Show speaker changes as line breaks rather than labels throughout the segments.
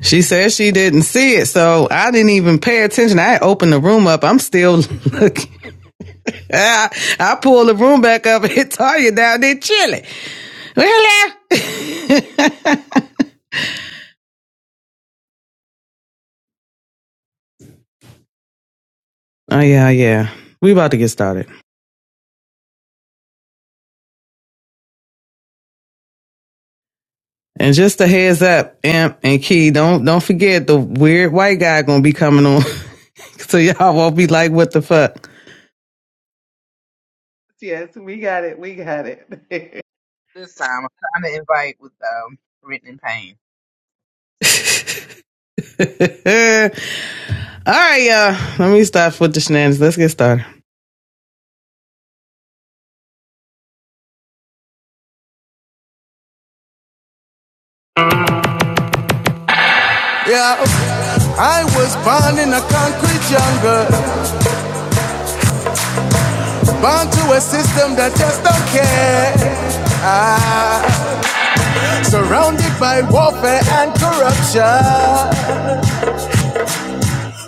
She says she didn't see it, so I didn't even pay attention. I opened the room up. I'm still looking. I, I pulled the room back up and hit Tanya down there chilling. Really? oh yeah, yeah. We about to get started. And just a heads up, Amp and Key, don't don't forget the weird white guy gonna be coming on. so y'all won't be like, what the fuck?
Yes, we got it. We got it. hey,
This time, I'm trying to invite with um, written in pain.
All right, y'all. Let me stop with the shenanigans. Let's get started. Yeah, I was born in a concrete jungle. Bound to a system that just don't care. Ah, surrounded by warfare and corruption.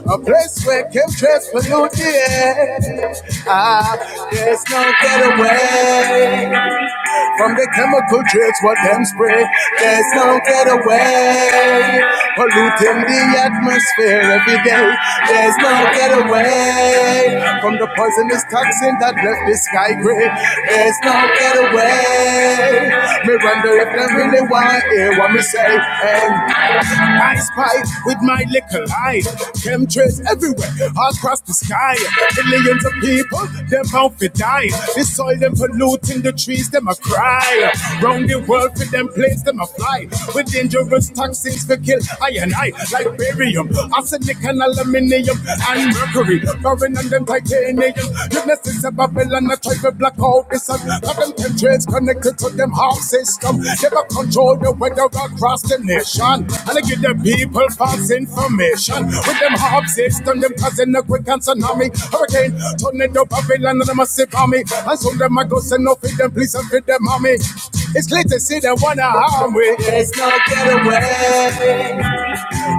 A place where chemtrails pollute the air. Ah, there's no getaway. From the chemical drugs what them spray, there's no getaway. Polluting the atmosphere every day, there's no getaway. From the poisonous toxin that left the sky gray, there's no getaway. Me wonder if them really wanna hear what me say. And I spy with my little eye. Chemtrails everywhere, all across the sky. Millions of people, them out for die. The soil, them polluting the trees, them a cry. Round the world with them planes, them a fly. With dangerous toxins for kill I and I. Like barium, arsenic and aluminium and mercury. Foreign and them titanium. Goodness is a Babylon and not try to block out the sun. Have them countries connected to them half system. Never control the weather across the nation. And they give the people false information. With them half system, them causing a quick and tsunami. Hurricane, tornado, Babylon, and a massive army. And soon them I go send no feed them, please and feed them, mommy. It's clear to see they wanna harm we. There's no getaway.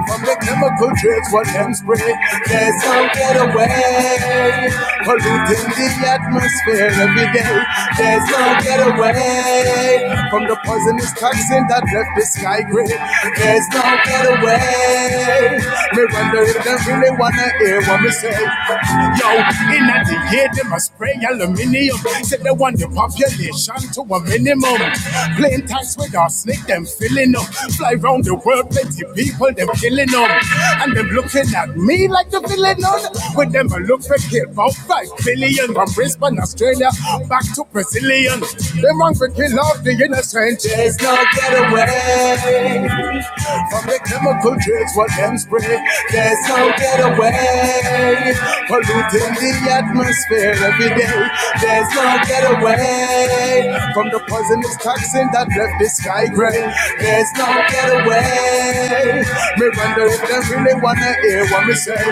From the chemical trace, what them spray. There's no away. Polluting the atmosphere every day. There's no away From the poisonous toxin that left the sky gray. There's no get away. Me wonder if they really wanna hear what me say. Yo, in that the year, them a must spray aluminium. Said they want the population to a minimum. Plain tanks with our snake, them filling up. Fly round the world, plenty people, them killing them. And them looking at me like the villain on. With them, I look for kill about 5 billion. From Brisbane, Australia, back to Brazilian. They want to kill off the innocent. There's no get away from the chemical drugs what them spray. There's no getaway, polluting the atmosphere every day. There's no getaway from the poisonous toxin that left the sky gray. There's no getaway. Me wonder if they really wanna hear what me say.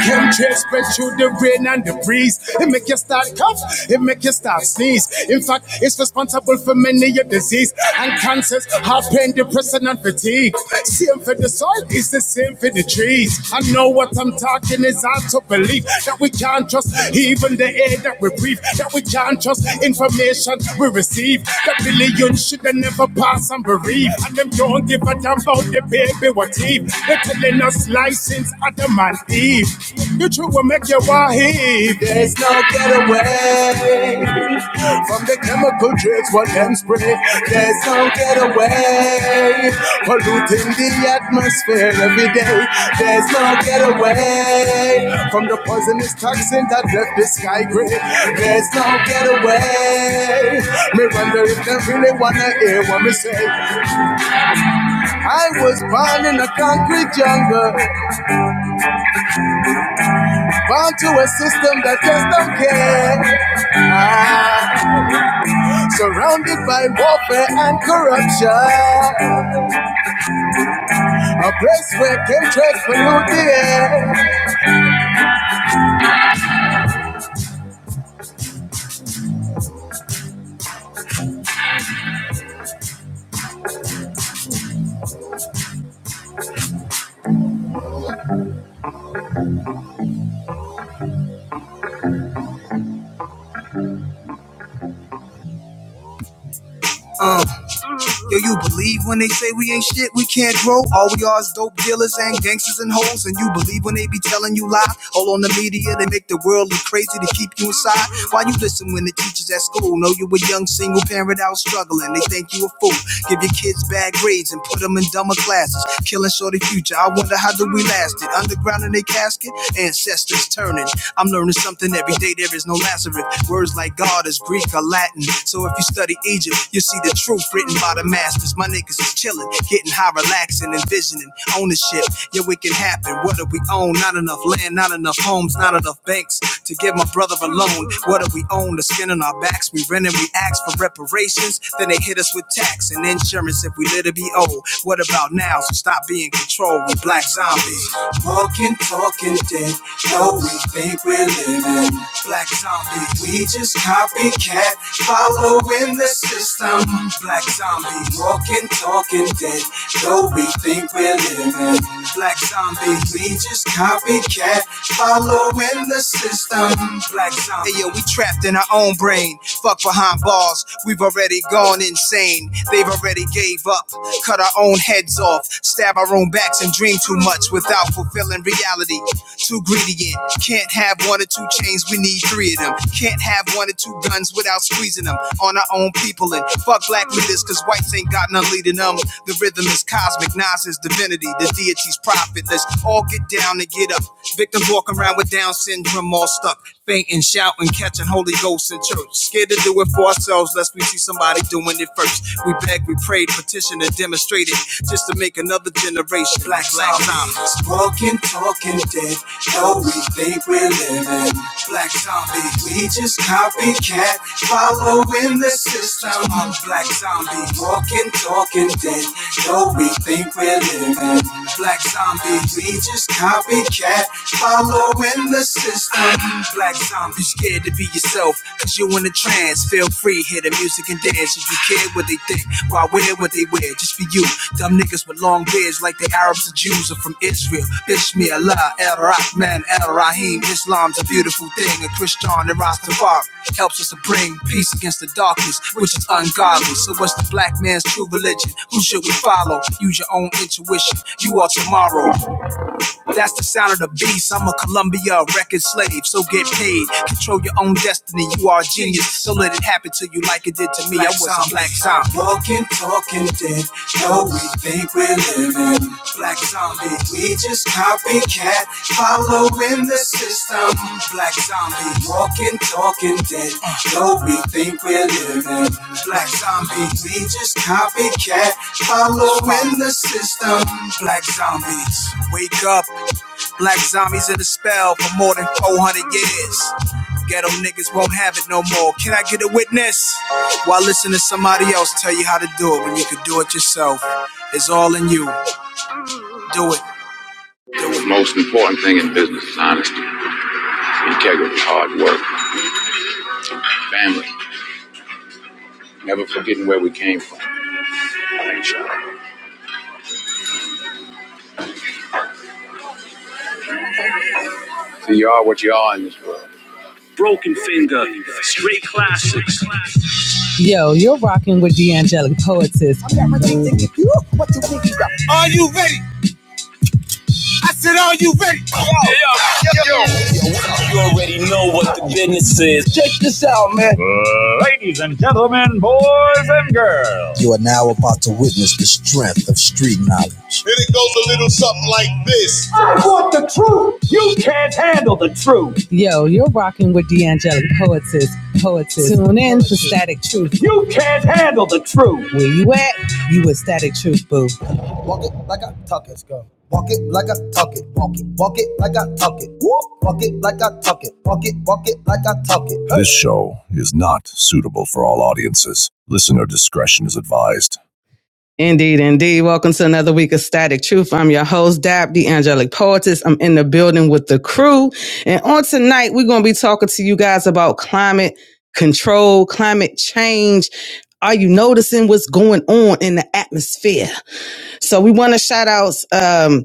Chemtrails spread through the rain and the breeze. It make you start cough, it make you start sneeze. In fact, it's responsible for many a disease and cancers, heart pain, depression, and fatigue. Same for the soil, it's the same for the trees. I know what I'm talking is hard to believe that we can't trust even the air that we breathe, that we can't trust information we receive. That billions should never pass and bereave, and them don't give a damn about the baby what if. They're Literally no license Adam and Eve. The truth will make you wife. There's no getaway from the chemical drugs what them spray. There's no getaway polluting the atmosphere every day. There's no getaway from the poisonous toxin that left the sky gray. There's no getaway. Me wonder if they really wanna hear what me say. I was born in a concrete jungle. Bound to a system that just don't care. Ah, surrounded by warfare and corruption. A place where chemtrails pollute the air. Uh, do you believe? The most important thing in business is honesty, integrity, hard work, family, never forgetting where we came from. So you are what you are in this world. Broken Finger, straight classics. Yo, you're rocking with the Angelic Poetess. Y'all already know what the business Ladies and gentlemen, boys and girls, you can't handle the truth. Yo, you're rocking with D'Angelic Poetess. Poetess. Tune in for Static Truth. You can't handle the truth. Where you at? You with Static Truth, boo. Indeed, indeed. Welcome to another week of Static Truth. I'm your host, Dab, the Angelic Poetess. I'm in the building with the crew. And on tonight, we're going to be talking to you guys about climate control, climate change. Are you noticing what's going on in the atmosphere? So we want to shout out um,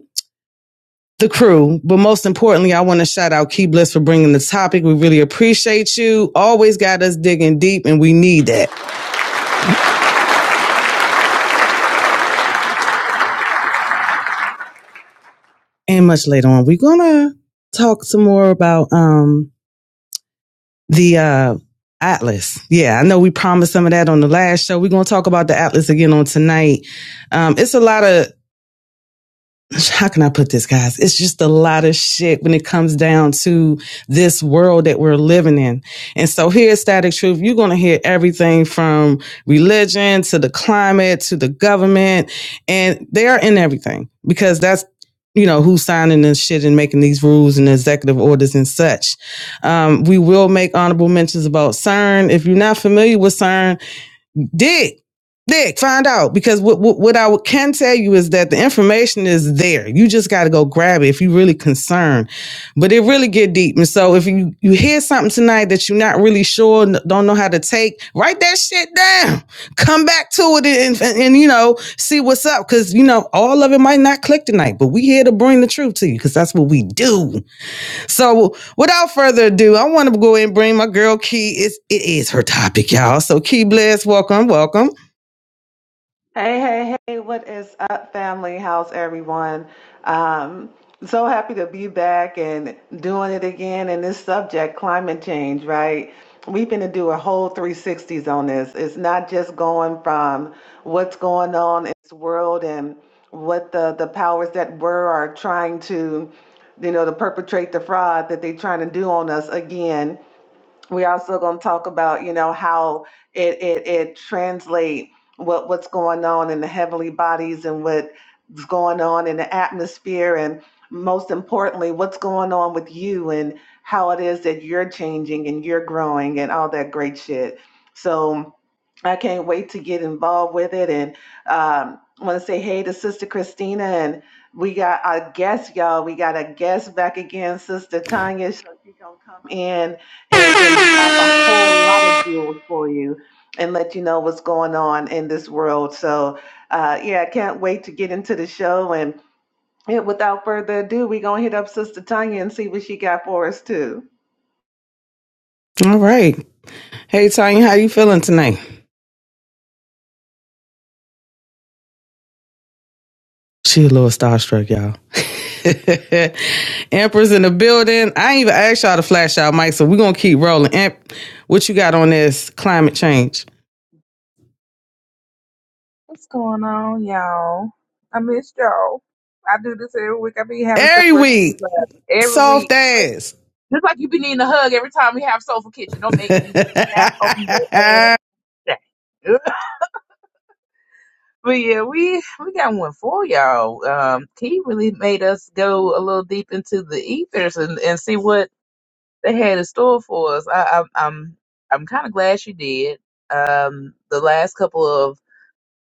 the crew, but most importantly, I want to shout out Key Bliss for bringing the topic. We really appreciate you. Always got us digging deep, and we need that. And much later on, we're gonna talk some more about um, the uh, Atlas. Yeah, I know we promised some of that on the last show. We're gonna talk about the Atlas again on tonight. Um, it's a lot of how can I put this, guys? It's just a lot of shit when it comes down to this world that we're living in. And so here at Static Truth, you're going to hear everything from religion to the climate to the government. And they are in everything because that's, you know, who's signing this shit and making these rules and executive orders and such. Um, we will make honorable mentions about CERN. If you're not familiar with CERN, dig dig find out because what, what, what i can tell you is that the information is there you just got to go grab it if you're really concerned but it really get deep and so if you you hear something tonight that you're not really sure don't know how to take write that shit down come back to it and and, and, you know see what's up because you know all of it might not click tonight but we here to bring the truth to you because that's what we do so without further ado, I want to go ahead and bring my girl Key. It's, it is her topic, y'all. So Key Bless, welcome, welcome.
hey, hey, what is up, family? How's everyone? Um, so happy to be back and doing it again in this subject, climate change, right? We've been to do a whole 360s on this. It's not just going from what's going on in this world and what the, the powers that were are trying to, you know, to perpetrate the fraud that they're trying to do on us again we also going to talk about you know how it it, it translate what what's going on in the heavenly bodies and what's going on in the atmosphere and most importantly what's going on with you and how it is that you're changing and you're growing and all that great shit so i can't wait to get involved with it and um, i want to say hey to sister christina and we got a guest y'all we got a guest back again sister tanya so she gonna come in and, and drop a whole lot of jewels for you and let you know what's going on in this world. So, uh, yeah, I can't wait to get into the show. And yeah, without further ado, we're going to hit up Sister Tanya and see what she got for us, too.
All right. Hey Tanya, how you feeling tonight? She a little starstruck, y'all. Empress in the building. I ain't even asked y'all to flash out, Mike, so we're gonna keep rolling. Emp, what you got on this climate change?
What's going on, y'all? I miss y'all. I do this every week. I be having
Every
separations
week,
uh, every
soft
week. Just like
ass.
just like you be needing a hug every time we have Soulful Kitchen. Don't make me nap on the ass day. But yeah, we we got one for y'all. Um, Key really made us go a little deep into the ethers and, and see what they had in store for us. I, I, I'm I'm kind of glad she did. Um, the last couple of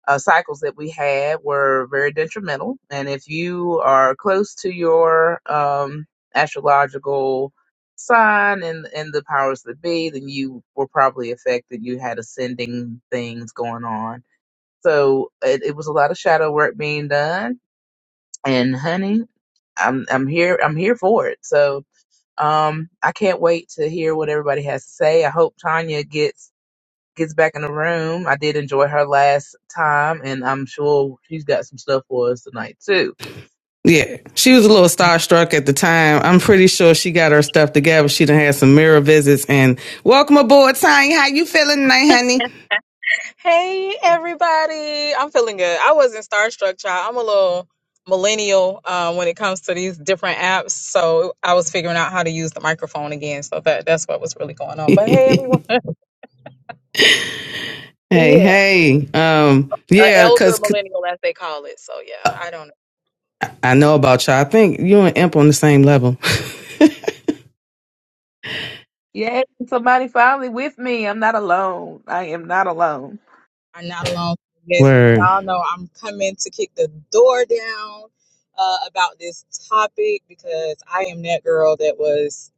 uh, cycles that we had were very detrimental. And if you are close to your um, astrological sign and and the powers that be, then you were probably affected. You had ascending things going on. So it, it was a lot of shadow work being done. And honey, I'm I'm here I'm here for it. So um I can't wait to hear what everybody has to say. I hope Tanya gets gets back in the room. I did enjoy her last time, and I'm sure she's got some stuff for us tonight too.
Yeah, she was a little starstruck at the time. I'm pretty sure she got her stuff together. She done had some mirror visits and welcome aboard, Tanya. How you feeling tonight,
Hey everybody, I'm feeling good. I wasn't starstruck, child. I'm a little millennial uh, when it comes to these different apps, so I was figuring out how to use the microphone again. So that that's what was really going on. But hey,
honey?
everyone,
hey,
yeah,
hey. Um,
uh,
yeah,
elder
cause
millennial as they call it. So yeah, I don't.
I know about y'all. I think you and Imp on the same level.
Yay! Somebody finally with me. I'm not alone. I am not alone.
I'm not alone. Yes,
Word,
y'all know I'm coming to kick the door down uh, about this topic because I am that girl that was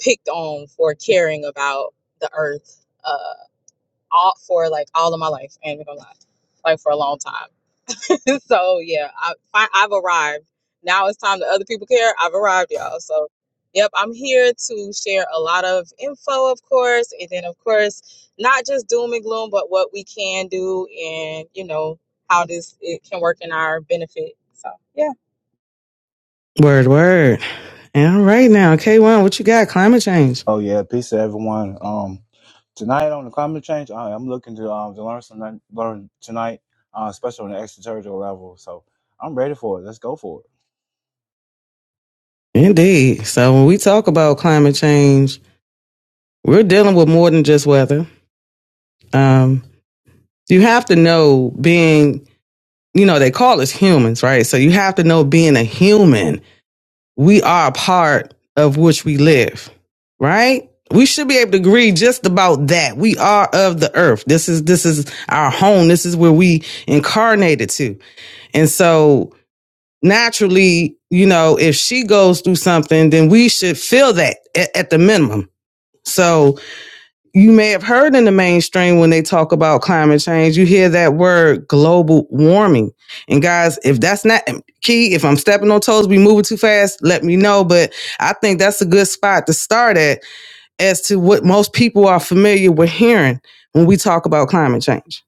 picked on for caring about the earth. uh, all for like all of my life. I ain't gonna lie, like for a long time. so yeah, I, I I've arrived. Now it's time that other people care. I've arrived, y'all. So yep, I'm here to share a lot of info, of course, and then of course not just doom and gloom, but what we can do and you know how this it can work in our benefit. So yeah.
word, word. And all right now, K1, what you got? Climate change.
Oh yeah, peace to everyone. Um, tonight on the climate change, I, I'm looking to um to learn some learn tonight, uh, especially on the extraterritorial level. So I'm ready for it. Let's go for it.
Indeed. So when we talk about climate change, we're dealing with more than just weather. Um, you have to know being you know, they call us humans, right? So you have to know being a human, we are a part of which we live, right? We should be able to agree just about that. We are of the earth. This is this is our home. This is where we incarnated to. And so naturally, you know, if she goes through something, then we should feel that at, at the minimum. So you may have heard in the mainstream when they talk about climate change, you hear that word global warming. And guys, if that's not key, if I'm stepping on toes, we moving too fast, let me know. But I think that's a good spot to start at as to what most people are familiar with hearing when we talk about climate change.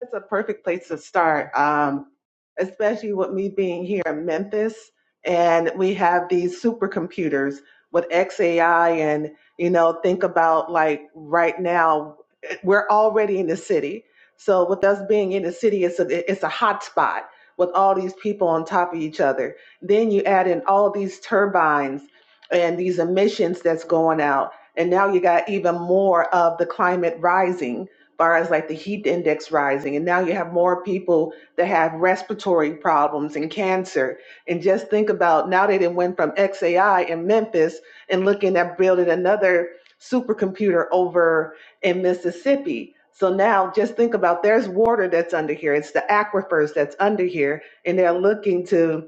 That's a perfect place to start, um, especially with me being here in Memphis, and we have these supercomputers with XAI, and you know, think about like right now, we're already in the city. So with us being in the city, it's a it's a hot spot with all these people on top of each other. Then you add in all these turbines and these emissions that's going out, and now you got even more of the climate rising far as like the heat index rising and now you have more people that have respiratory problems and cancer and just think about now they didn't went from xai in memphis and looking at building another supercomputer over in mississippi so now just think about there's water that's under here it's the aquifers that's under here and they're looking to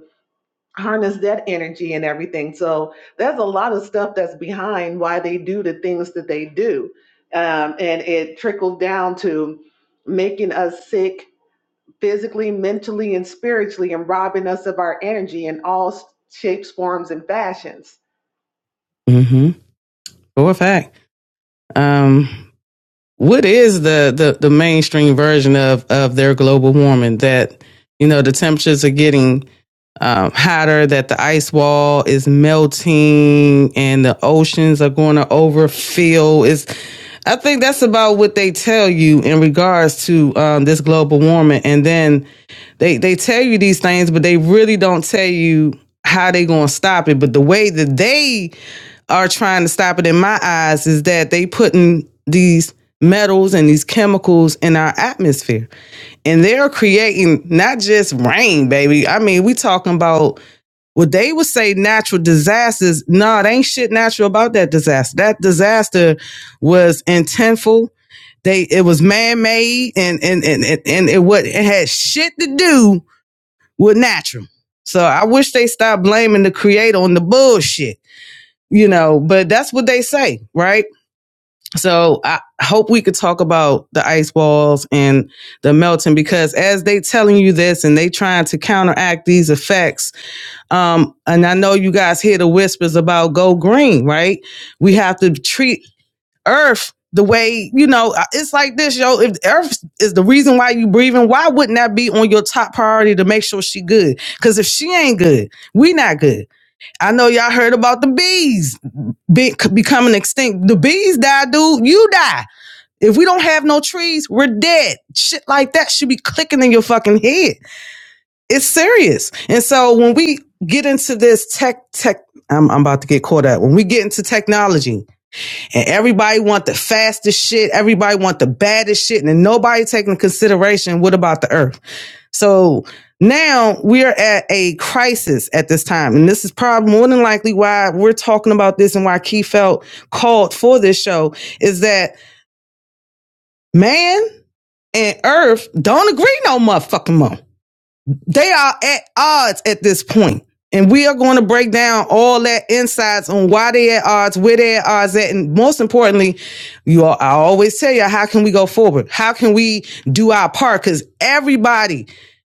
harness that energy and everything. So there's a lot of stuff that's behind why they do the things that they do. Um, and it trickles down to making us sick physically, mentally, and spiritually, and robbing us of our energy in all s- shapes, forms, and fashions.
Mm-hmm. For a fact. Um, what is the, the the mainstream version of of their global warming that you know the temperatures are getting um, hotter that the ice wall is melting and the oceans are going to overfill is i think that's about what they tell you in regards to um, this global warming and then they they tell you these things but they really don't tell you how they going to stop it but the way that they are trying to stop it in my eyes is that they putting these metals and these chemicals in our atmosphere. And they're creating not just rain, baby. I mean, we talking about what they would say natural disasters. No, nah, it ain't shit natural about that disaster. That disaster was intentful. They it was man made and and and and, and it what it had shit to do with natural. So I wish they stopped blaming the creator on the bullshit you know, but that's what they say, right? So I hope we could talk about the ice walls and the melting because as they telling you this and they trying to counteract these effects, um, and I know you guys hear the whispers about go green, right? We have to treat Earth the way you know uh, it's like this, yo. If Earth is the reason why you breathing, why wouldn't that be on your top priority to make sure she good? Because if she ain't good, we not good. I know y'all heard about the bees be- becoming extinct. The bees die, dude. You die. If we don't have no trees, we're dead. Shit like that should be clicking in your fucking head. It's serious. And so when we get into this tech, tech, I'm, I'm about to get caught up. When we get into technology and everybody want the fastest shit, everybody want the baddest shit, and nobody taking consideration, what about the earth? So now we are at a crisis at this time. And this is probably more than likely why we're talking about this and why Key felt called for this show is that man and earth don't agree no motherfucking more. They are at odds at this point. And we are going to break down all that insights on why they at odds, where they at odds at, and most importantly, you all, I always tell you, how can we go forward? How can we do our part? Because everybody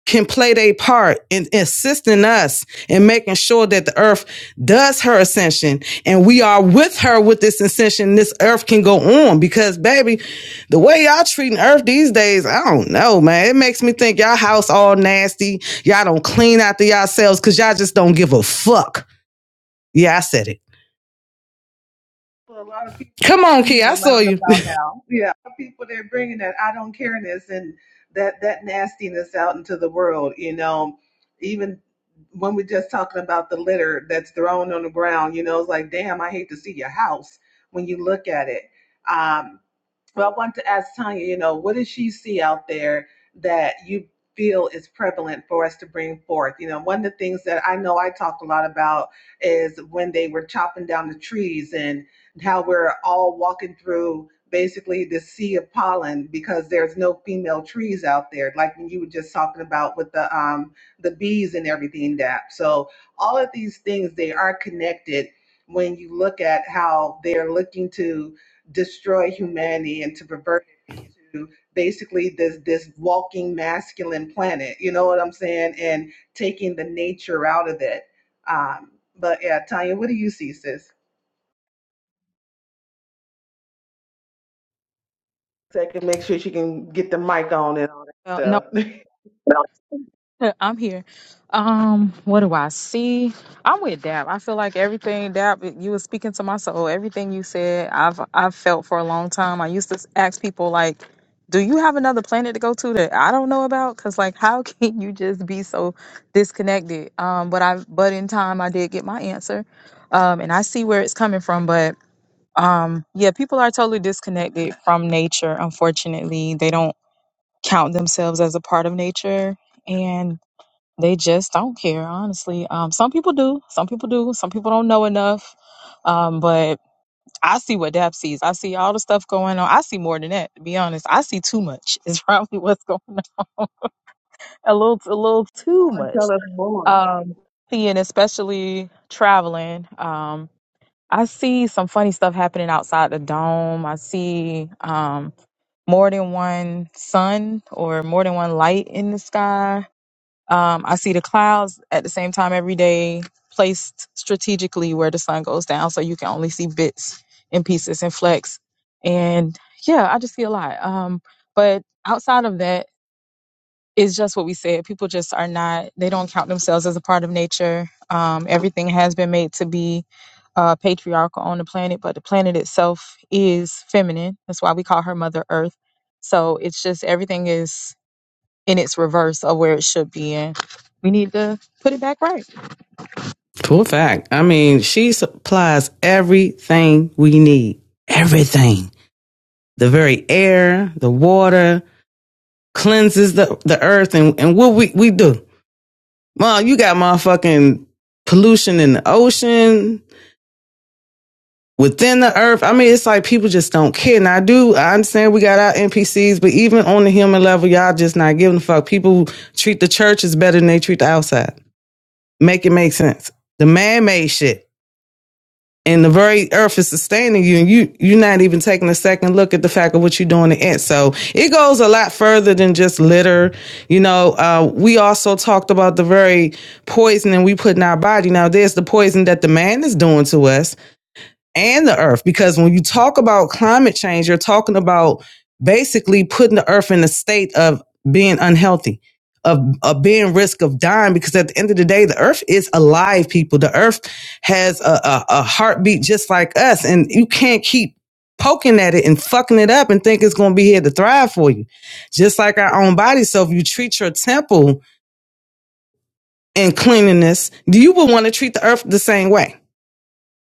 can play their part in assisting us and making sure that the earth does her ascension and we are with her with this ascension. This earth can go on because, baby, the way y'all treating earth these days, I don't know, man. It makes me think y'all house all nasty. Y'all don't clean after yourselves because y'all just don't give a fuck. Yeah, I said it.
Well, a lot of people
Come
are
on, Key.
bringing
I saw
around
you.
about now. Yeah, A lot of people they're bringing that I don't careness and that that nastiness out into the world. You know, even when we're just talking about the litter that's thrown on the ground, you know, it's like, damn, I hate to see your house when you look at it. Um, well, I want to ask Tanya, you know, what does she see out there that you feel is prevalent for us to bring forth? You know, one of the things that I know I talked a lot about is when they were chopping down the trees and how we're all walking through basically the sea of pollen because there's no female trees out there like you were just talking about with the um the bees and everything that so all of these things they are connected when you look at how they're looking to destroy humanity and to pervert it into basically this this walking masculine planet. You know what I'm saying? And taking the nature out of it. Um, but yeah, Tanya, what do you see, sis? Second, make sure she can get the mic on and all that
Well,
stuff.
no. I'm here. Um, what do I see? I'm with Dap. I feel like everything Dap, you were speaking to my soul. Everything you said, I've I've felt for a long time. I used to s- ask people like, "Do you have another planet to go to that I don't know about?" Because like, how can you just be so disconnected? Um, but I but in time, I did get my answer, um, and I see where it's coming from. But um, yeah, people are totally disconnected from nature. Unfortunately, they don't count themselves as a part of nature and they just don't care, honestly. Um, some people do. Some people do. Some people don't know enough. Um, but I see what Dap sees. I see all the stuff going on. I see more than that, to be honest. I see too much is probably what's going on. A little, a little too
more,
much.
tell us more.
Um, seeing, especially traveling. Um, I see some funny stuff happening outside the dome. I see um more than one sun or more than one light in the sky um, I see the clouds at the same time every day, placed strategically where the sun goes down, so you can only see bits and pieces and flecks. And yeah, I just see a lot. Um, but outside of that, it's just what we said. People just are not, they don't count themselves as a part of nature. Um, everything has been made to be uh, patriarchal on the planet, but the planet itself is feminine. That's why we call her Mother Earth. So it's just everything is in its reverse of where it should be in. We need to put it back right.
Cool fact. I mean, she supplies everything we need. Everything. The very air, the water, cleanses the, the earth and, and what we, we do. Mom, you got motherfucking pollution in the ocean, within the earth. I mean, it's like people just don't care. And I do, I understand we got our NPCs, but even on the human level, y'all just not giving a fuck. People treat the churches better than they treat the outside. Make it make sense. The man made shit. and the very earth is sustaining you and you you're not even taking a second look at the fact of what you're doing to it so it goes a lot further than just litter you know uh, we also talked about the very poisoning we put in our body now there's the poison that the man is doing to us and the earth because when you talk about climate change you're talking about basically putting the earth in a state of being unhealthy of, of being risk of dying because at the end of the day the earth is alive people the earth has a, a, a heartbeat just like us and you can't keep poking at it and fucking it up and think it's going to be here to thrive for you just like our own body so if you treat your temple in cleanliness you will want to treat the earth the same way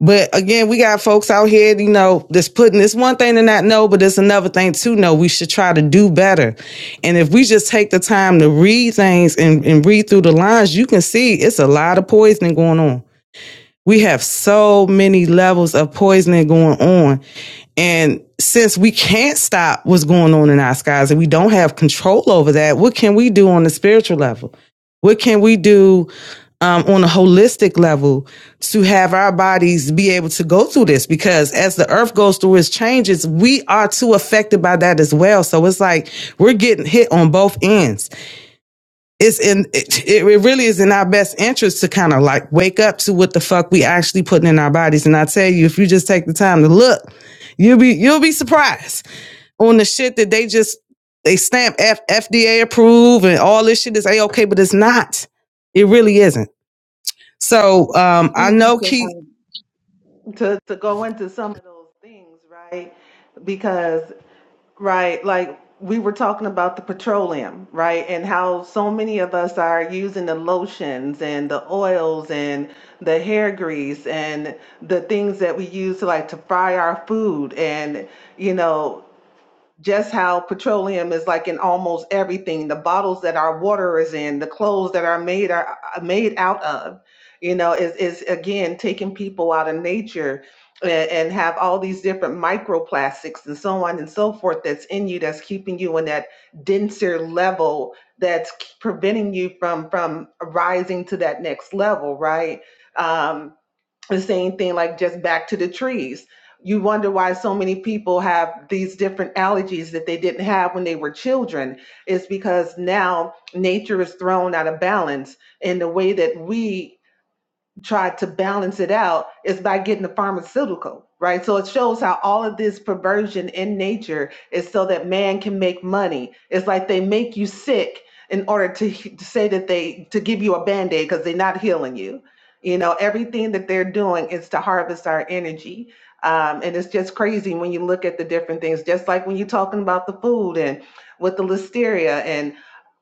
but again, we got folks out here, you know, that's putting this one thing to not know, but it's another thing to know. We should try to do better. And if we just take the time to read things and, and read through the lines, you can see it's a lot of poisoning going on. We have so many levels of poisoning going on. And since we can't stop what's going on in our skies and we don't have control over that, what can we do on the spiritual level? What can we do um, on a holistic level to have our bodies be able to go through this? Because as the earth goes through its changes, we are too affected by that as well. So it's like we're getting hit on both ends it's in it, it really is in our best interest to kind of like wake up to what the fuck we actually putting in our bodies and i tell you if you just take the time to look you'll be you'll be surprised on the shit that they just they stamp F, fda approved and all this shit is a okay but it's not it really isn't so
I
um
think we
i
need
know
to,
Keith.
um, to to go into some of those things, right? Because Right. Like we were talking about the petroleum, right? And how so many of us are using the lotions and the oils and the hair grease and the things that we use to like to fry our food and you know just how petroleum is like in almost everything the bottles that our water is in the clothes that are made are are made out of you know is is again taking people out of nature and, and have all these different microplastics and so on and so forth that's in you that's keeping you in that denser level that's k- preventing you from from rising to that next level right Um, the same thing like just back to the trees you wonder why so many people have these different allergies that they didn't have when they were children it's because now nature is thrown out of balance in the way that we tried to balance it out is by getting a pharmaceutical, right? So it shows how all of this perversion in nature is so that man can make money. It's like they make you sick in order to, to say that they to give you a band-aid because they're not healing you. You know, everything that they're doing is to harvest our energy. Um, and it's just crazy when you look at the different things, just like when you're talking about the food and with the listeria. And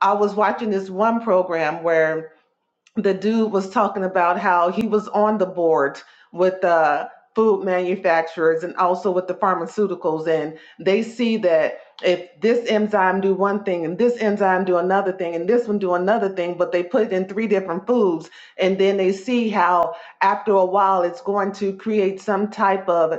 I was watching this one program where the dude was talking about how he was on the board with the food manufacturers and also with the pharmaceuticals and they see that if this enzyme do one thing and this enzyme do another thing and this one do another thing but they put it in three different foods and then they see how after a while it's going to create some type of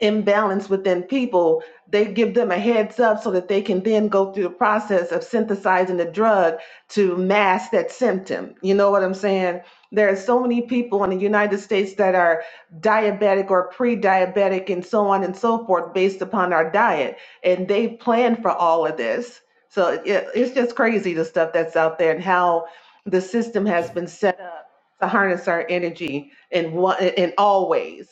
imbalance within people, they give them a heads up so that they can then go through the process of synthesizing the drug to mask that symptom. You know what I'm saying? There are so many people in the United States that are diabetic or pre diabetic and so on and so forth based upon our diet. And they plan for all of this. So it, it's just crazy the stuff that's out there and how the system has been set up to harness our energy in, one, in all ways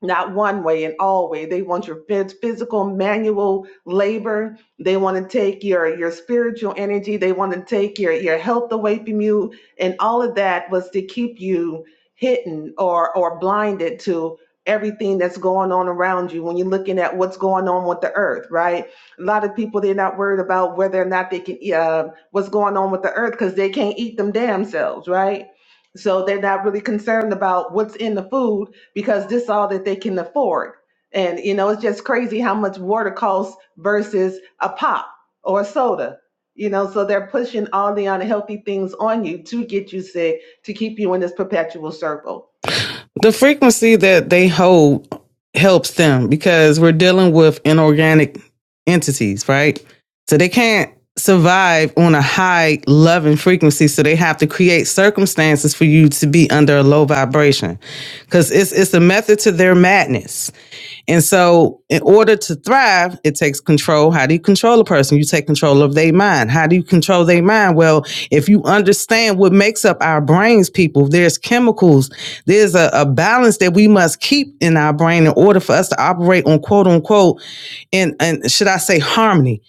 not one way and all way. They want your phys- physical manual labor. They want to take your your spiritual energy. They want to take your your health away from you, and all of that was to keep you hidden or or blinded to everything that's going on around you when you're looking at what's going on with the earth right a lot of people they're not worried about whether or not they can uh, what's going on with the earth because they can't eat them damn selves right so they're not really concerned about what's in the food because this is all that they can afford. And you know, it's just crazy how much water costs versus a pop or a soda. You know, so they're pushing all the unhealthy things on you to get you sick, to keep you in this perpetual circle.
the frequency that they hold helps them because we're dealing with inorganic entities, right? So they can't survive on a high loving frequency. So they have to create circumstances for you to be under a low vibration. Cause it's it's a method to their madness and so, in order to thrive, it takes control. How do you control a person? You take control of their mind. How do you control their mind? Well, if you understand what makes up our brains, people, there's chemicals, there's a, a balance that we must keep in our brain in order for us to operate on quote unquote, and, and should I say, harmony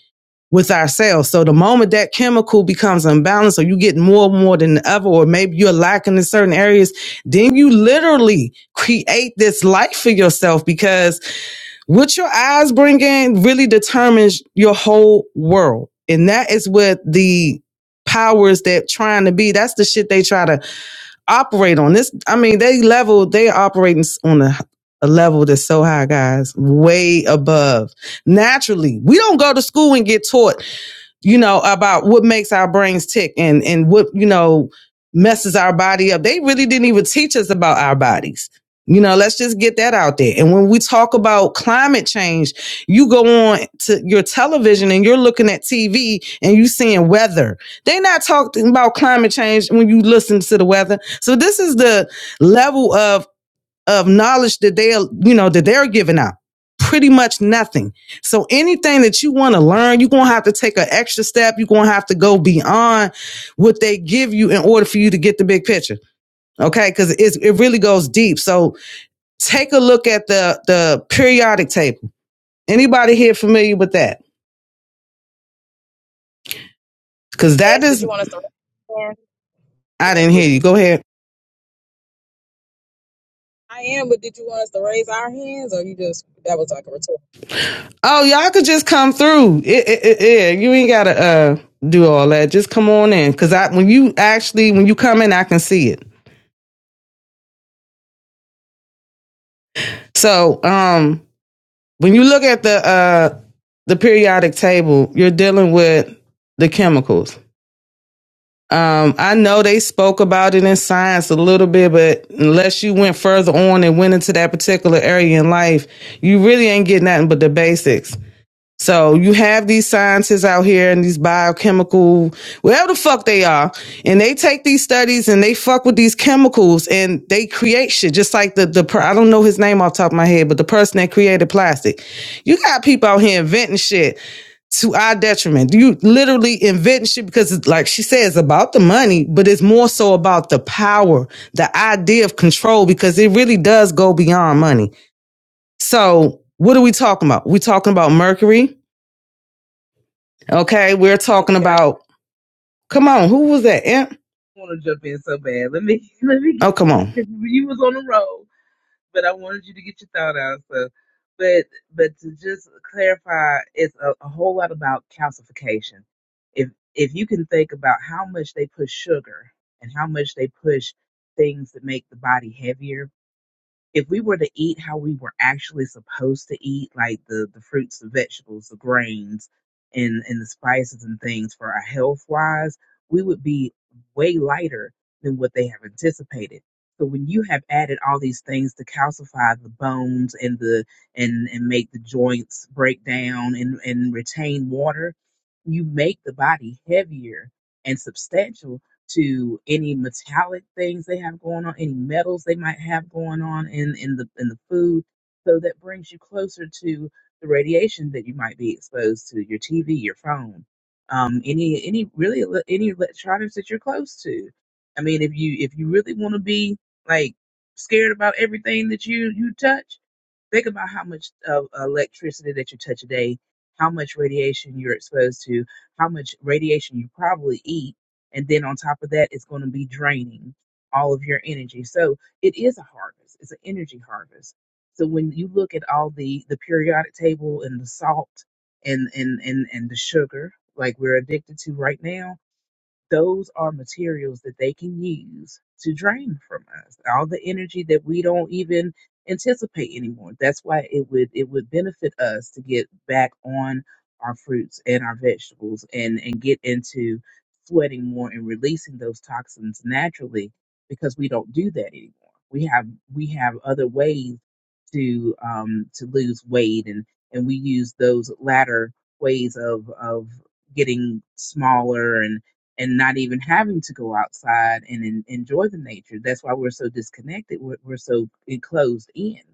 with ourselves. So, the moment that chemical becomes unbalanced, or you get more, more than ever, or maybe you're lacking in certain areas, then you literally create this life for yourself because what your eyes bring in really determines your whole world. And that is what the powers that trying to be, that's the shit they try to operate on. This, I mean, they level, they operating on a, a level that's so high, guys, way above. Naturally, we don't go to school and get taught you know, about what makes our brains tick and and what, you know, messes our body up. They really didn't even teach us about our bodies. You know, let's just get that out there. And when we talk about climate change, you go on to your television and you're looking at TV and you seeing weather. They not talking about climate change when you listen to the weather. So this is the level of of knowledge that they you know, that they're giving out. Pretty much nothing. So anything that you want to learn, you're going to have to take an extra step. You're going to have to go beyond what they give you in order for you to get the big picture. Okay. Cause it's, it really goes deep. So take a look at the, the periodic table. Anybody here familiar with that? Cause that
Yes, did
is,
you want us to raise our hands?
I'm
I
like,
didn't
well,
hear you. Go ahead.
I am, but did you want us to raise our hands or you just that was like a retort?
Oh, y'all could just come through. It, it, it, yeah, you ain't gotta uh do all that. Just come on in, cause I when you actually when you come in, I can see it. So um, when you look at the uh the periodic table, you're dealing with the chemicals. Um, I know they spoke about it in science a little bit, but unless you went further on and went into that particular area in life, you really ain't getting nothing but the basics. So you have these scientists out here and these biochemical, whatever the fuck they are, and they take these studies and they fuck with these chemicals and they create shit. Just like the the per- I don't know his name off the top of my head, but the person that created plastic. You got people out here inventing shit to our detriment. You literally inventing shit because, it's, like she says, about the money, but it's more so about the power, the idea of control, because it really does go beyond money. So what are we talking about? We are talking about mercury. Okay, we're talking
Can I just
about. Come on, who was that? Imp?
want to jump in so bad? Let me, let me.
Oh, come on,
You was on the road. but I wanted you to get your thought out. So, but but to just clarify, it's a, a whole lot about calcification. If if you can think about how much they push sugar and how much they push things that make the body heavier, if we were to eat how we were actually supposed to eat, like the the fruits, the vegetables, the grains, and and the spices and things for our health wise, we would be way lighter than what they have anticipated. So when you have added all these things to calcify the bones and the and and make the joints break down and and retain water, you make the body heavier and substantial to any metallic things they have going on, any metals they might have going on in, in the in the food. So that brings you closer to the radiation that you might be exposed to, your TV, your phone, um, any any really ele- any electronics that you're close to. I mean, if you if you really want to be like scared about everything that you you touch, Think about how much of electricity that you touch a day, how much radiation you're exposed to, how much radiation you probably eat, and then on top of that, it's going to be draining all of your energy. So it is a harvest. It's an energy harvest. So when you look at all the the periodic table and the salt and and and and the sugar like we're addicted to right now those are materials that they can use to drain from us all the energy that we don't even anticipate anymore that's why it would it would benefit us to get back on our fruits and our vegetables and and get into sweating more and releasing those toxins naturally because we don't do that anymore we have we have other ways to um, to lose weight, and and we use those latter ways of of getting smaller and and not even having to go outside and en- enjoy the nature. That's why we're so disconnected. We're, we're so enclosed in.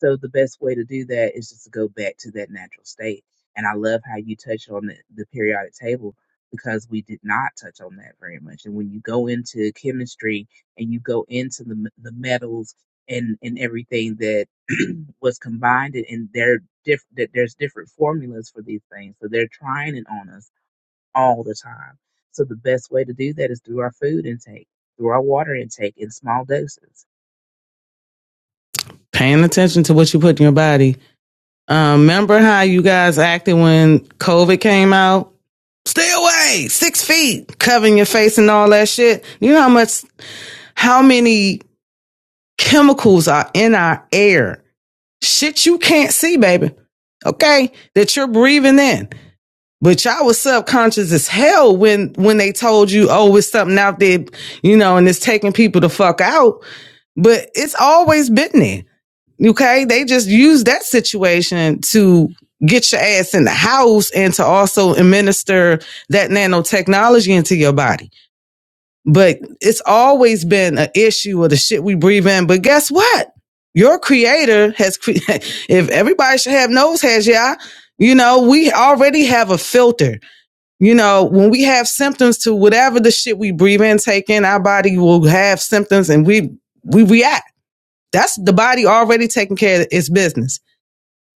So the best way to do that is just to go back to that natural state. And I love how you touched on the, the periodic table because we did not touch on that very much. And when you go into chemistry and you go into the the metals and and everything that was combined and they're diff- that there's different formulas for these things. So they're trying it on us all the time. So the best way to do that is through our food intake, through our water intake in small doses.
paying attention to what you put in your body. Um, remember how you guys acted when COVID came out? Stay away, six feet, covering your face and all that shit. You know how much, how many chemicals are in our air? Shit you can't see, baby. Okay, that you're breathing in. But y'all was subconscious as hell when when they told you, oh, it's something out there, you know, and it's taking people the fuck out but it's always been there. Okay. They just use that situation to get your ass in the house and to also administer that nanotechnology into your body. But it's always been an issue of the shit we breathe in. But guess what? Your creator has, cre- if everybody should have nose hairs, yeah, you know, we already have a filter. You know, when we have symptoms to whatever the shit we breathe in, take in, our body will have symptoms and we, we react that's the body already taking care of its business.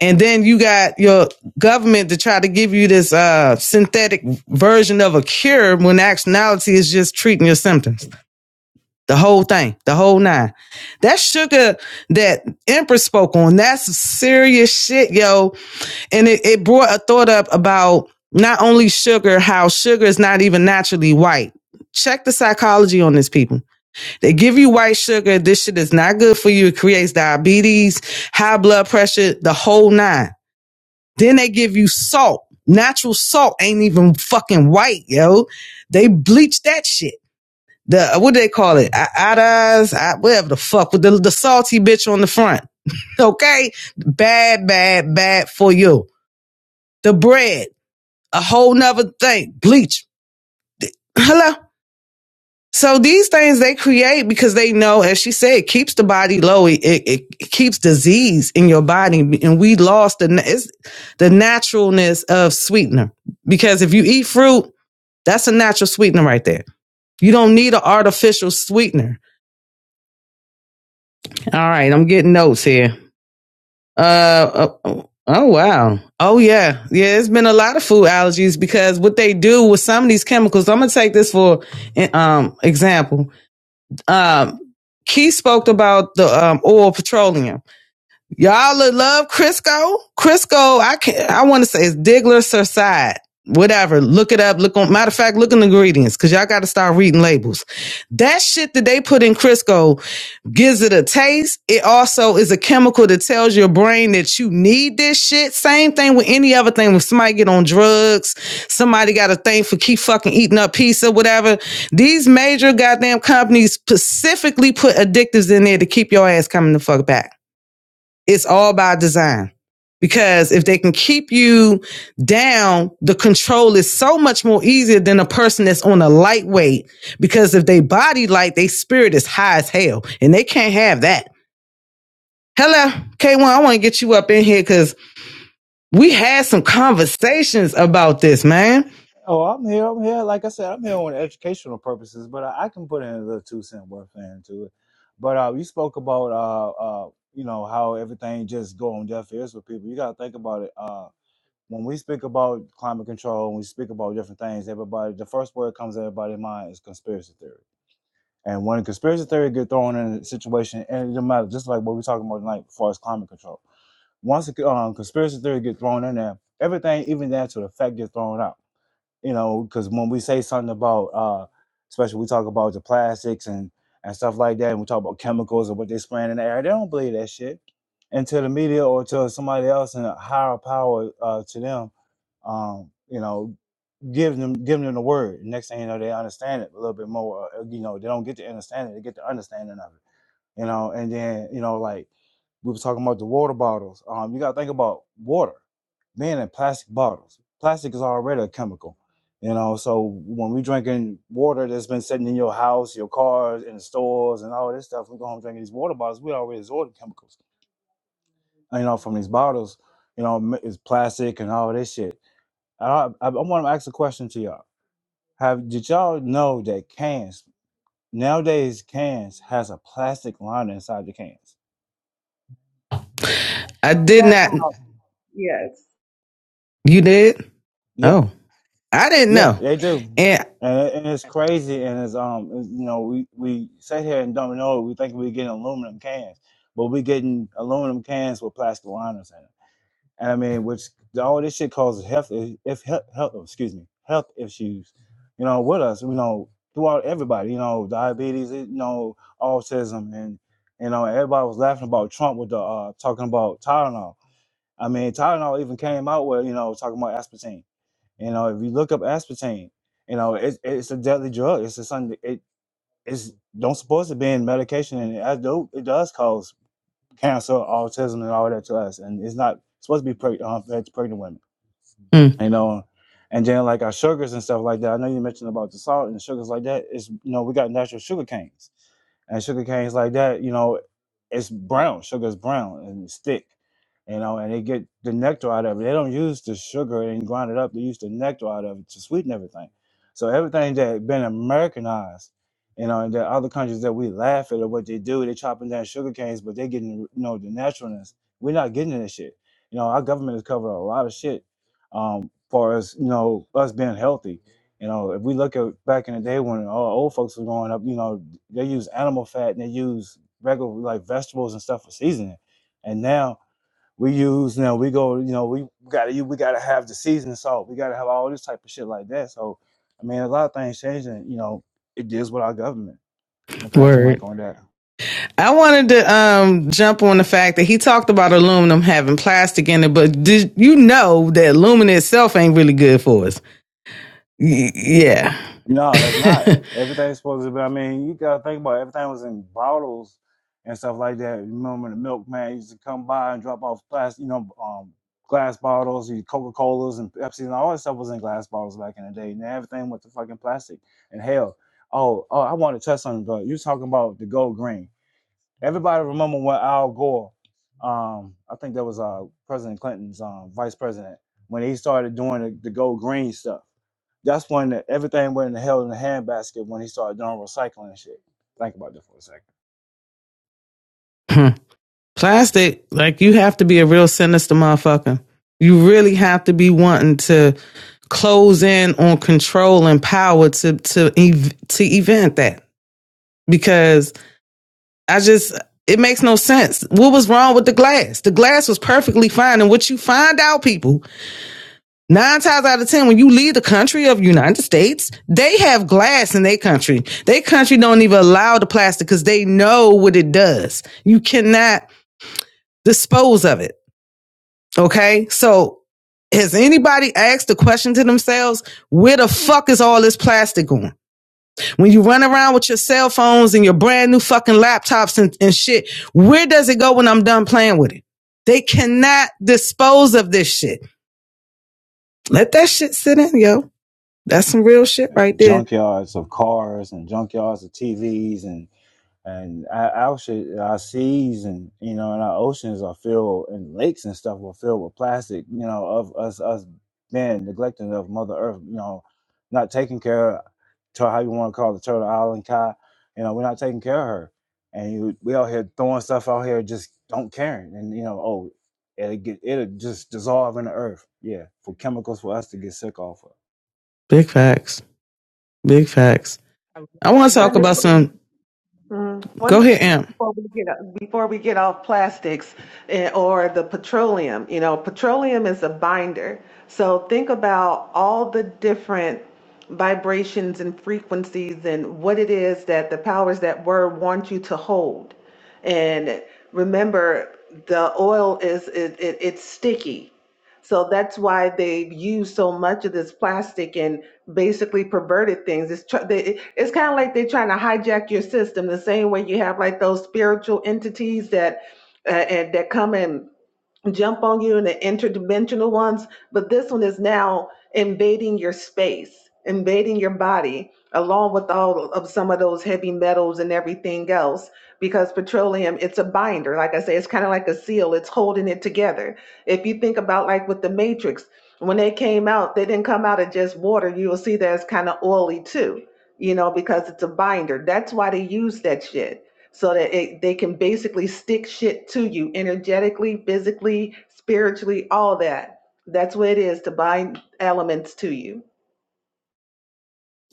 And then you got your government to try to give you this uh, synthetic version of a cure when actuality is just treating your symptoms. The whole thing, the whole nine. That sugar that Empress spoke on, that's serious shit, yo. And it, it brought a thought up about not only sugar, how sugar is not even naturally white. Check the psychology on this, people they give you white sugar. This shit is not good for you. It creates diabetes, high blood pressure, the whole nine. Then they give you salt. Natural salt ain't even fucking white, yo. They bleach that shit. The uh, what do they call it? I- Iodized, I- whatever the fuck, with the, the salty bitch on the front. Okay, bad, bad, bad for you. The bread, a whole nother thing. Bleach. Hello. So these things they create because they know, as she said, it keeps the body low. It, it, it keeps disease in your body, and we lost the na- it's the naturalness of sweetener. Because if you eat fruit, that's a natural sweetener right there. You don't need an artificial sweetener. All right, I'm getting notes here. Uh, uh, oh, oh wow, oh yeah, yeah. It's been a lot of food allergies because what they do with some of these chemicals. I'm gonna take this for um example Um, Keith spoke about the um, oil petroleum. Y'all lo- love Crisco. Crisco, I can not I want to say it's Diggler Side. Whatever. Look it up. Look on matter of fact, look in the ingredients, because y'all gotta start reading labels. That shit that they put in Crisco gives it a taste. It also is a chemical that tells your brain that you need this shit. Same thing with any other thing. When somebody get on drugs, somebody got a thing for keep fucking eating up pizza, whatever. These major goddamn companies specifically put addictives in there to keep your ass coming the fuck back. It's all by design. Because if they can keep you down, the control is so much more easier than a person that's on a lightweight. Because if they body light, they spirit is high as hell. And they can't have that. Hello, K1, I want to get you up in here because we had some conversations about this, man.
Oh, I'm here. I'm here. Like I said, I'm here on educational purposes, but I, I can put in a little two cent worth into it. But uh, you spoke about uh uh you know how everything just go on deaf ears with people. You got to think about it. Uh, when we speak about climate control, when we speak about different things, everybody the first word comes to everybody's mind is conspiracy theory And when a conspiracy theory get thrown in a situation, and it don't matter, just like what we're talking about tonight, as far as climate control. Once a um, conspiracy theory get thrown in there, everything, even down to the fact, get thrown out. You know, because when we say something about, uh, especially we talk about the plastics and and stuff like that, and we talk about chemicals and what they spraying in the air, they don't believe that shit until the media or to somebody else in a higher power uh, to them, um, you know, giving them giving them the word. Next thing you know, they understand it a little bit more. uh, You know, they don't get to understand it; they get the understanding of it. You know, and then you know, like we were talking about the water bottles. Um, you gotta think about water being in plastic bottles. Plastic is already a chemical. You know, so when we drinking water that's been sitting in your house, your cars, in the stores, and all this stuff, we go home drinking these water bottles. We already absorbed chemicals, you know, from these bottles. You know, m- it's plastic and all this shit. I I, I want to ask a question to y'all have did y'all know that cans nowadays cans has a plastic liner inside the cans?
I
I
found
did
that
not.
out. Yes.
You did?
Yeah,
Oh, I didn't
yeah,
know.
they do.
And
And, and it's crazy, and it's um, you know, we we sit here and don't know. it. We think we're getting aluminum cans, but we're getting aluminum cans with plastic liners in it. and I mean, which all this shit causes health if health, health oh, excuse me health issues, you know, with us, you know, throughout everybody, you know, diabetes, you know, autism, and you know, everybody was laughing about Trump with the uh, talking about Tylenol. I mean, Tylenol even came out with you know talking about aspartame. You know, if you look up aspartame, you know, it's it's a deadly drug. It's a something it it's don't supposed to be in medication, and it do it does cause cancer, autism, and all that to us, and it's not supposed to be preg- um, pregnant women
mm,
you know and then like our sugars and stuff like that i know you mentioned about the salt and the sugars like that. It's you know we got natural sugar canes and sugar canes like that you know it's brown sugar is brown and it's thick you know and they get the nectar out of it they don't use the sugar and grind it up they use the nectar out of it to sweeten everything so everything that been americanized you know and the other countries that we laugh at or what they do they chopping down sugar canes but they getting you know the naturalness we're not getting this shit you know our government has covered a lot of shit um, far as you know us being healthy. You know, if we look at back in the day when all old folks were growing up, you know, they use animal fat and they use regular like vegetables and stuff for seasoning. And now we use now we go, you know, we gotta we gotta have the seasoning salt. We gotta have all this type of shit like that. So I mean a lot of things changing, you know, it deals with our government. I'm gonna pass the
word.
mic on that.
I wanted to um, jump on the fact that he talked about aluminum having plastic in it, but did you know that aluminum itself ain't really good for us? Y- yeah.
No, it's not. Everything's supposed to be. I mean, you gotta think about it. everything was in bottles and stuff like that. You remember the milkman used to come by and drop off glass, you know, um, glass bottles, you Coca Colas and Pepsi and all that stuff was in glass bottles back in the day. And everything went to fucking plastic. And hell, oh, oh, I want to touch something, but you was talking about the gold green. Everybody remember when Al Gore, um, I think that was uh President Clinton's um vice president, when he started doing the, the go green stuff. That's when everything went in the hell in the handbasket when he started doing recycling and shit. Think about that for a second.
plastic, like you have to be a real sinister motherfucker. You really have to be wanting to close in on control and power to to ev- to event that because I just it makes no sense. What was wrong with the glass? The glass was perfectly fine, and what you find out, people, Nine times out of ten, when you leave the country of United States, they have glass in their country. Their country don't even allow the plastic because they know what it does. You cannot dispose of it. Okay. So has anybody asked the question to themselves, where the fuck is all this plastic going? When you run around with your cell phones and your brand new fucking laptops and, and shit, where does it go when I'm done playing with it? They cannot dispose of this shit. Let that shit sit in, yo. That's some real shit
uh,
right there.
junkyards of cars and junkyards of TVs and and our our shit- our seas and you know and our oceans are filled and lakes and stuff are filled with plastic. You know of us us being neglecting of Mother Earth. You know, not taking care of to how you want to call the Turtle Island Kai. You know, we're not taking care of her, and you, we out here throwing stuff out here just don't caring. And you know, oh, it'll get it'll just dissolve in the earth. Yeah, for chemicals for us to get sick off of.
Big facts. Big facts.
I
I want to
love
talk
One of
this
about
the
some.
Mm. One
Go
of the
ahead,
things
Em.
before we get before we get off plastics eh, or the petroleum, you know, petroleum is a binder. So think about all the different vibrations and frequencies and what it is that the powers that were want you to hold. And remember, the oil is it, it, it's sticky. So that's why they use so much of this plastic. And basically perverted things. It's tr- they, it's kind of like they're trying to hijack your system. The same way you have like those spiritual entities that uh, and that come in jump on you in the interdimensional ones, but this one is now invading your space, invading your body, along with all of some of those heavy metals and everything else. Because petroleum, it's a binder. Like I say, it's kind of like a seal, it's holding it together. If you think about like with the Matrix, when they came out, they didn't come out of just water. You will see that it's kind of oily too, you know, because it's a binder. That's why they use that shit so that it, they can basically stick shit to you energetically, physically, spiritually, all that. That's what it is to bind elements to you.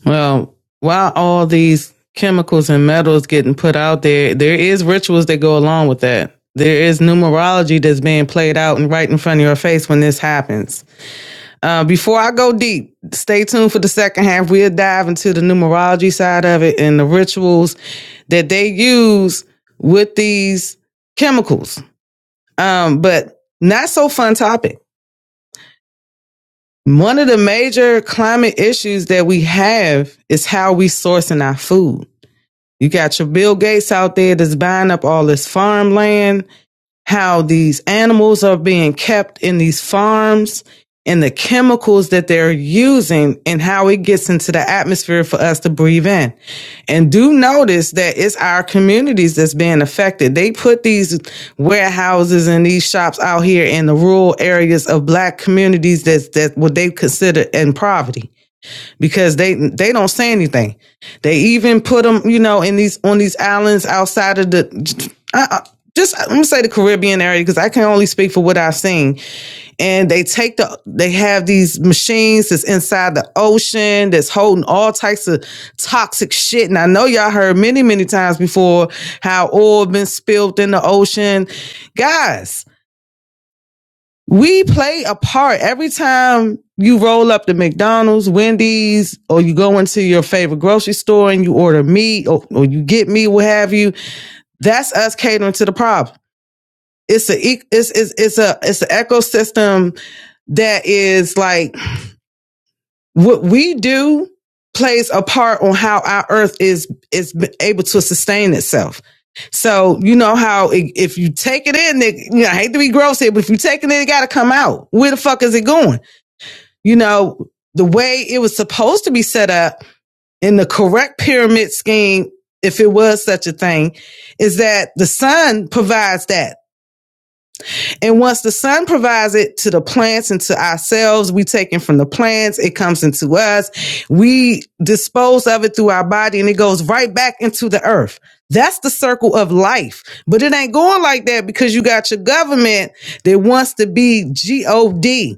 Well, while all these chemicals and metals getting put out there, there is rituals that go along with that. There is numerology that's being played out and right in front of your face when this happens. Uh, before I go deep, stay tuned for the second half. We'll dive into the numerology side of it and the rituals that they use with these chemicals. Um, but not so fun topic. One of the major climate issues that we have is how we sourcing our food. You got your Bill Gates out there that's buying up all this farmland how these animals are being kept in these farms and the chemicals that they're using and how it gets into the atmosphere for us to breathe in. And do notice that it's our communities that's being affected. They put these warehouses and these shops out here in the rural areas of black communities that's that what they consider in poverty because they they don't say anything. They even put them, you know, in these on these islands outside of the. I, I, just I'm gonna say the Caribbean area because I can only speak for what I've seen. And they take the they have these machines that's inside the ocean that's holding all types of toxic shit. And I know y'all heard many many times before how oil been spilled in the ocean, guys we play a part every time you roll up to McDonald's, Wendy's, or you go into your favorite grocery store and you order meat or, or you get meat, what have you. That's us catering to the problem. It's a e, it's it's it's a it's an ecosystem that is like what we do plays a part on how our earth is is able to sustain itself. So you know how i- if you take it in, it, you know, I hate to be gross here, but if you take it in, it got to come out. Where the fuck is it going? you know, the way it was supposed to be set up in the correct pyramid scheme, if it was such a thing, is that the sun provides that. And once the sun provides it to the plants and to ourselves, we take it from the plants, it comes into us, we dispose of it through our body, and it goes right back into the earth. That's the circle of life. But it ain't going like that because you got your government that wants to be G O D.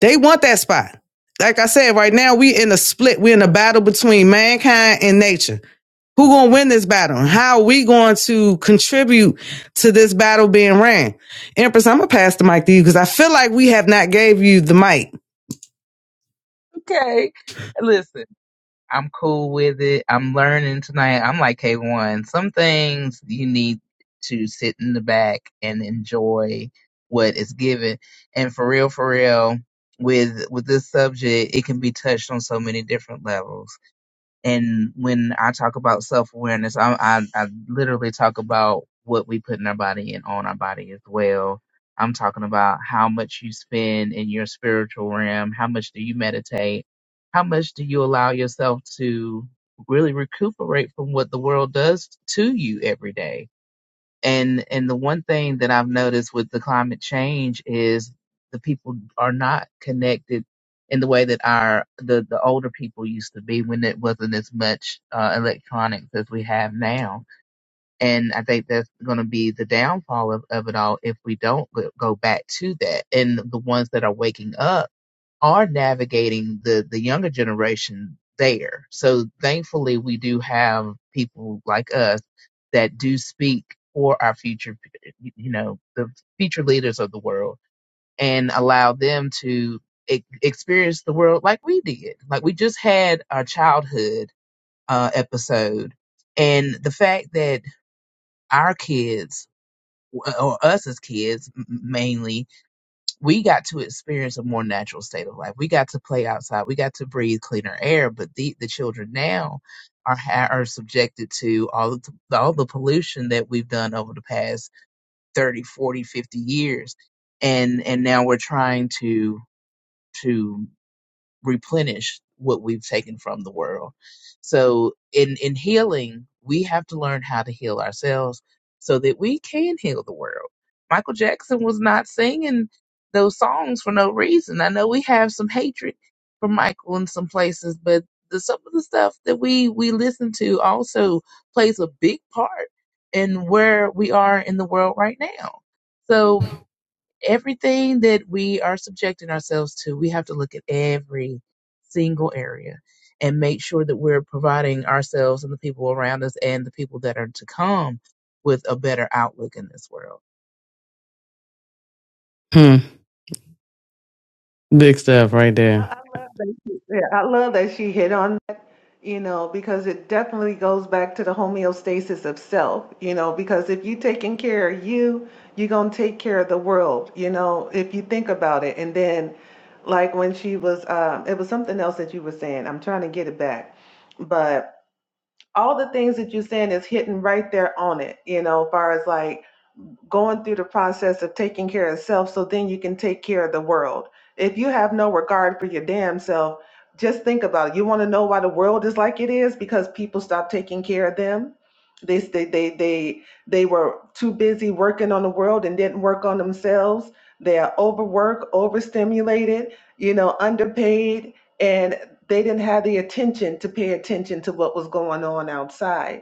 They want that spot. Like I said, right now we in a split. We're in a battle between mankind and nature. Who gonna win this battle? And how are we going to contribute to this battle being ran? Empress, I'm gonna pass the mic to you because I feel like we have not gave you the mic.
okay. Listen, I'm cool with it. I'm learning tonight. I'm like K1. Some things you need to sit in the back and enjoy what is given. And for real, for real, with with this subject, it can be touched on so many different levels and when I talk about self awareness, I, I I literally talk about what we put in our body and on our body as well. I'm talking about how much you spend in your spiritual realm. How much do you meditate? How much do you allow yourself to really recuperate from what the world does to you every day? and and the one thing that I've noticed with the climate change is the people are not connected in the way that our the the older people used to be when it wasn't as much uh, electronics as we have now. And I think that's going to be the downfall of, of it all if we don't go go back to that. And the ones that are waking up are navigating the the younger generation there. So thankfully, we do have people like us that do speak for our future, you know, the future leaders of the world, and allow them to e- experience the world like we did. Like we just had our childhood uh, episode, and the fact that our kids or us as kids mainly we got to experience a more natural state of life. We got to play outside. We got to breathe cleaner air. But the, the children now are ha- are subjected to all of the, all the pollution that we've done over the past 30, 40, 50 years. And and now we're trying to to replenish what we've taken from the world. So in in healing, we have to learn how to heal ourselves so that we can heal the world. Michael Jackson was not singing those songs for no reason. I know we have some hatred for Michael in some places, but the, some of the stuff that we we listen to also plays a big part in where we are in the world right now. So everything that we are subjecting ourselves to, we have to look at every single area and make sure that we're providing ourselves and the people around us and the people that are to come with a better outlook in this world.
Hmm. Big stuff right there.
I, I love that. She, yeah, I love that she hit on that, you know, because it definitely goes back to the homeostasis of self, you know, because if you taking care of you, you're going to take care of the world, you know, if you think about it. And then like when she was, um, it was something else that you were saying, I'm trying to get it back, but all the things that you're saying is hitting right there on it, you know, as far as like going through the process of taking care of self so then you can take care of the world. If you have no regard for your damn self, just think about it. You want to know why the world is like it is because people stopped taking care of them. They they they they, they were too busy working on the world and didn't work on themselves. They are overworked, overstimulated, you know, underpaid, and they didn't have the attention to pay attention to what was going on outside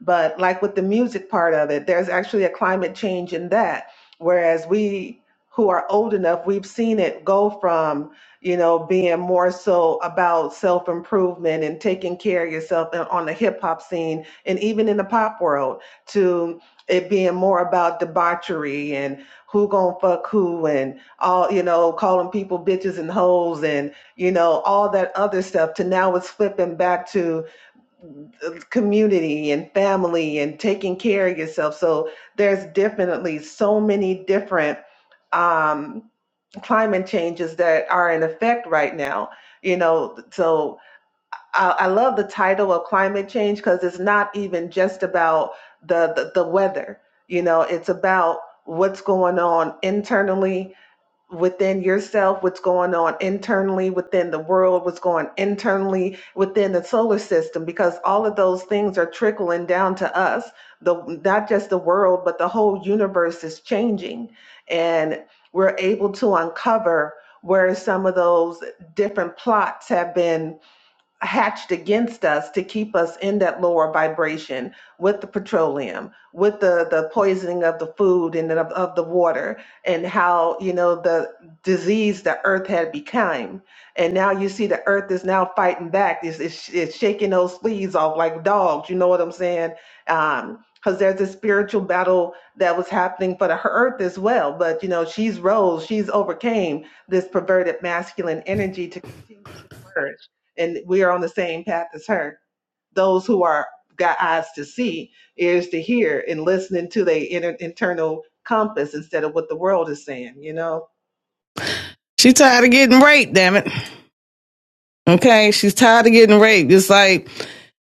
but like with the music part of it, there's actually a climate change in that. Whereas we who are old enough, we've seen it go from, you know, being more so about self improvement and taking care of yourself and on the hip hop scene and even in the pop world to it being more about debauchery and who gonna fuck who and all, you know, calling people bitches and hoes and, you know, all that other stuff to now it's flipping back to community and family and taking care of yourself. So there's definitely so many different um, climate changes that are in effect right now. You know, so I, I love the title of climate change because it's not even just about the, the the weather. You know, it's about what's going on internally within yourself, what's going on internally, within the world, what's going internally within the solar system, because all of those things are trickling down to us. The not just the world, but the whole universe is changing. And we're able to uncover where some of those different plots have been hatched against us to keep us in that lower vibration with the petroleum with the the poisoning of the food and of, of the water and how you know the disease the earth had become and now you see the earth is now fighting back it's, it's, it's shaking those fleas off like dogs you know what i'm saying um because there's a spiritual battle that was happening for the her- earth as well but you know she's rose she's overcame this perverted masculine energy to continue to flourish and we are on the same path as her. Those who are got eyes to see, ears to hear, and listening to their inner internal compass instead of what the world is saying, you know.
She tired of getting raped, damn it. Okay, she's tired of getting raped. It's like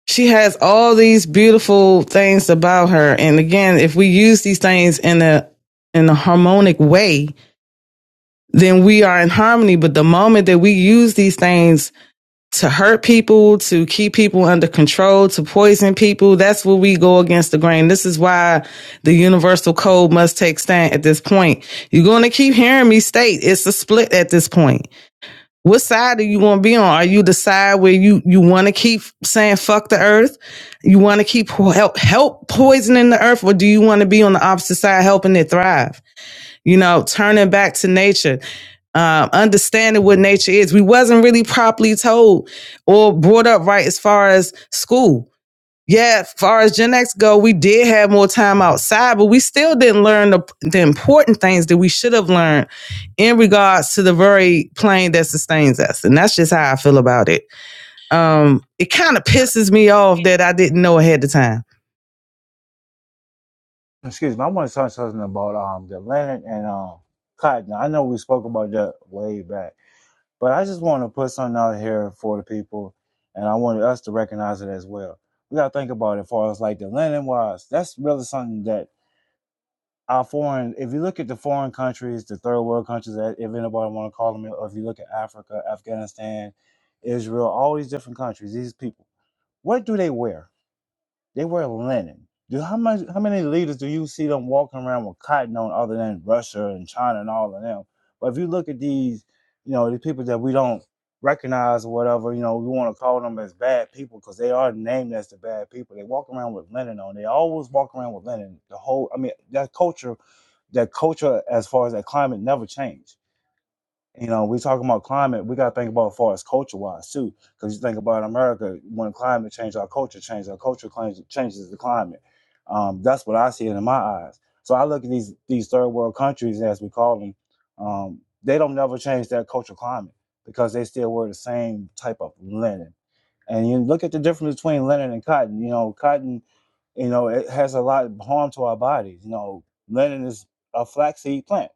she has all these beautiful things about her. And again, if we use these things in a in a harmonic way, then we are in harmony. But the moment that we use these things to hurt people, to keep people under control, to poison people, that's where we go against the grain. This is why the universal code must take stand at this point. You're going to keep hearing me state it's a split at this point. What side are you going to be on? Are you the side where you, you want to keep saying fuck the earth? You want to keep help, help poisoning the earth or do you want to be on the opposite side helping it thrive? you know turning back to nature um, understanding what nature is we wasn't really properly told or brought up right as far as school yeah as far as gen x go we did have more time outside but we still didn't learn the, the important things that we should have learned in regards to the very plane that sustains us and that's just how i feel about it um, it kind of pisses me off that I didn't know ahead of time.
excuse me, I want to talk something about um the Atlantic and um Cotton. I know we spoke about that way back, but I just want to put something out here for the people, and I wanted us to recognize it as well. We gotta think about it as far as like the Atlantic wise. That's really something that our foreign. If you look at the foreign countries, the third world countries, if anybody want to call them, or if you look at Africa, Afghanistan, Israel, all these different countries, these people, what do they wear? They wear linen. Do how much? How many leaders do you see them walking around with cotton on, other than Russia and China and all of them? But if you look at these, you know, these people that we don't recognize or whatever, you know, we want to call them as bad people because they are named as the bad people. They walk around with linen on. They always walk around with linen. The whole, I mean, that culture, that culture as far as that climate never changed you know, we talking about climate, we gotta think about as far as culture wise too. Cause you think about America, when climate change, our culture changes, our culture changes, changes the climate. Um, that's what I see it in my eyes. So I look at these these third world countries as we call them, um, they don't never change their culture climate because they still wear the same type of linen, and you look at the difference between linen and cotton. You know, cotton, you know, it has a lot of harm to our bodies. You know, linen is a flaxseed plant,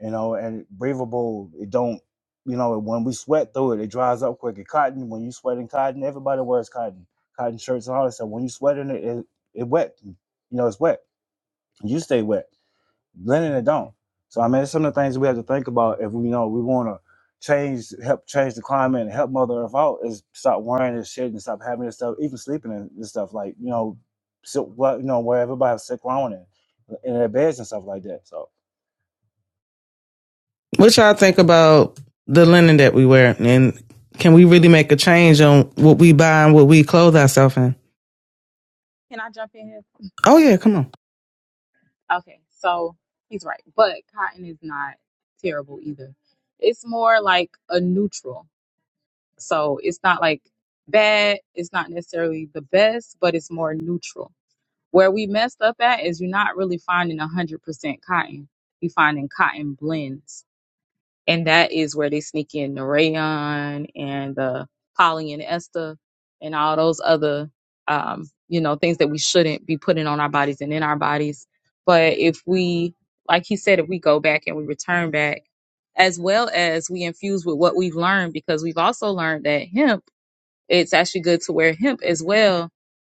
you know, and breathable. It don't, you know, when we sweat through it, it dries up quicker. Cotton, when you sweat in cotton, everybody wears cotton, cotton shirts and all that stuff. When you sweat in it, it, it wet. You know, it's wet. You stay wet. Blending it don't. So I mean, it's some of the things we have to think about if we you know we want to change, help change the climate and help Mother Earth out is stop wearing this shit and stop having this stuff, even sleeping and this stuff like you know, so what you know where everybody has sick around in, in their beds and stuff like that. So
What y'all think about the linen that we wear, and can we really make a change on what we buy and what we clothe ourselves in?
Can I jump in here?
Oh yeah, come on.
Okay, so he's right. But cotton is not terrible either. It's more like a neutral. So it's not like bad, it's not necessarily the best, but it's more neutral. Where we messed up at is you're not really finding 100% cotton. You're finding cotton blends and that is where they sneak in the rayon and the poly and ester and all those other um, you know things that we shouldn't be putting on our bodies and in our bodies but if we like he said if we go back and we return back as well as we infuse with what we've learned because we've also learned that hemp it's actually good to wear hemp as well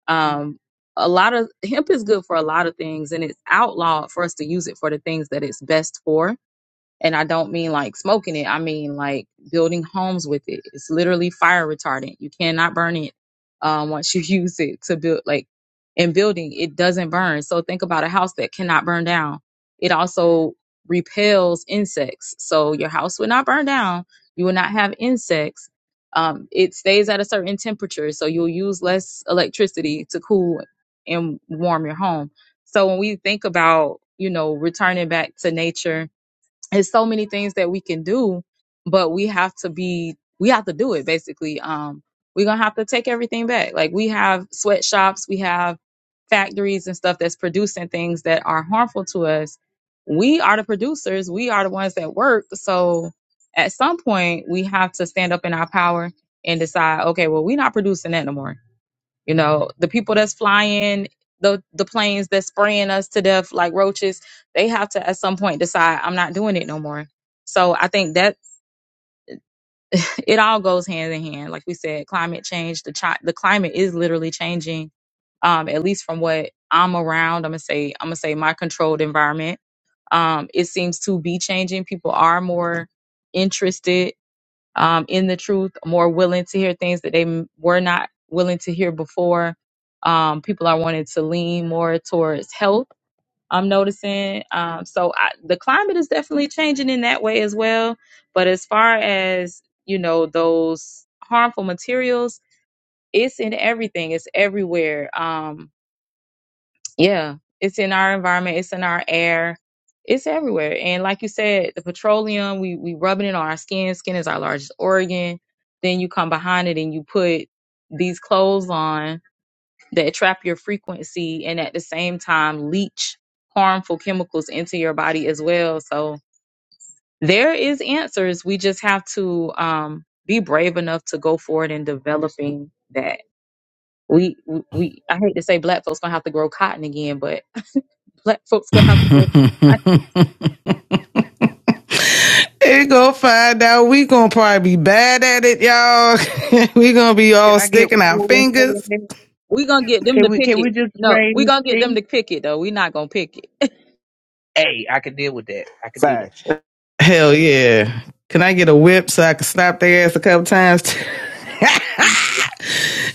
um, a lot of hemp is good for a lot of things and it's outlawed for us to use it for the things that it's best for and I don't mean like smoking it. I mean like building homes with it. It's literally fire retardant. You cannot burn it um, once you use it to build like in building. It doesn't burn. So think about a house that cannot burn down. It also repels insects. So your house would not burn down. You will not have insects. Um, it stays at a certain temperature, so you'll use less electricity to cool and warm your home. So when we think about you know returning back to nature there's so many things that we can do, but we have to be we have to do it basically. Um we're gonna have to take everything back. Like we have sweatshops, we have factories and stuff that's producing things that are harmful to us. We are the producers, we are the ones that work. So at some point we have to stand up in our power and decide, okay, well, we're not producing that no more you know, the people that's flying the the planes that's spraying us to death like roaches, they have to at some point decide I'm not doing it no more. So I think that it all goes hand in hand. Like we said, climate change, the chi- the climate is literally changing. Um, at least from what I'm around, I'm gonna say I'm gonna say my controlled environment. Um, it seems to be changing. People are more interested um, in the truth, more willing to hear things that they m- were not willing to hear before. Um, people are wanting to lean more towards health. I'm noticing. Um, so I, the climate is definitely changing in that way as well. But as far as you know, those harmful materials, it's in everything. It's everywhere. Um, yeah, it's in our environment, it's in our air, it's everywhere. And like you said, the petroleum, we we rubbing it on our skin. Skin is our largest organ. Then you come behind it and you put these clothes on that trap your frequency and at the same time leach harmful chemicals into your body as well. So there is answers. We just have to um, be brave enough to go forward in developing that. We we we- I hate to say black folks gonna have to grow cotton again, but Black folks gonna have to grow some. I-
Here go find out. We gonna probably be bad at it, y'all. we gonna be
Can
all
I get
sticking our
one more thing in
fingers.
We gonna get them
Can
to
we
pick
can
it.
we just
No,
raise
we
the
gonna get them
tea?
to pick it though. We not gonna pick it.
Hey, I can deal with that. I can do that.
facts.
Hell yeah. Can I get a whip so I can slap their ass a couple times?
See?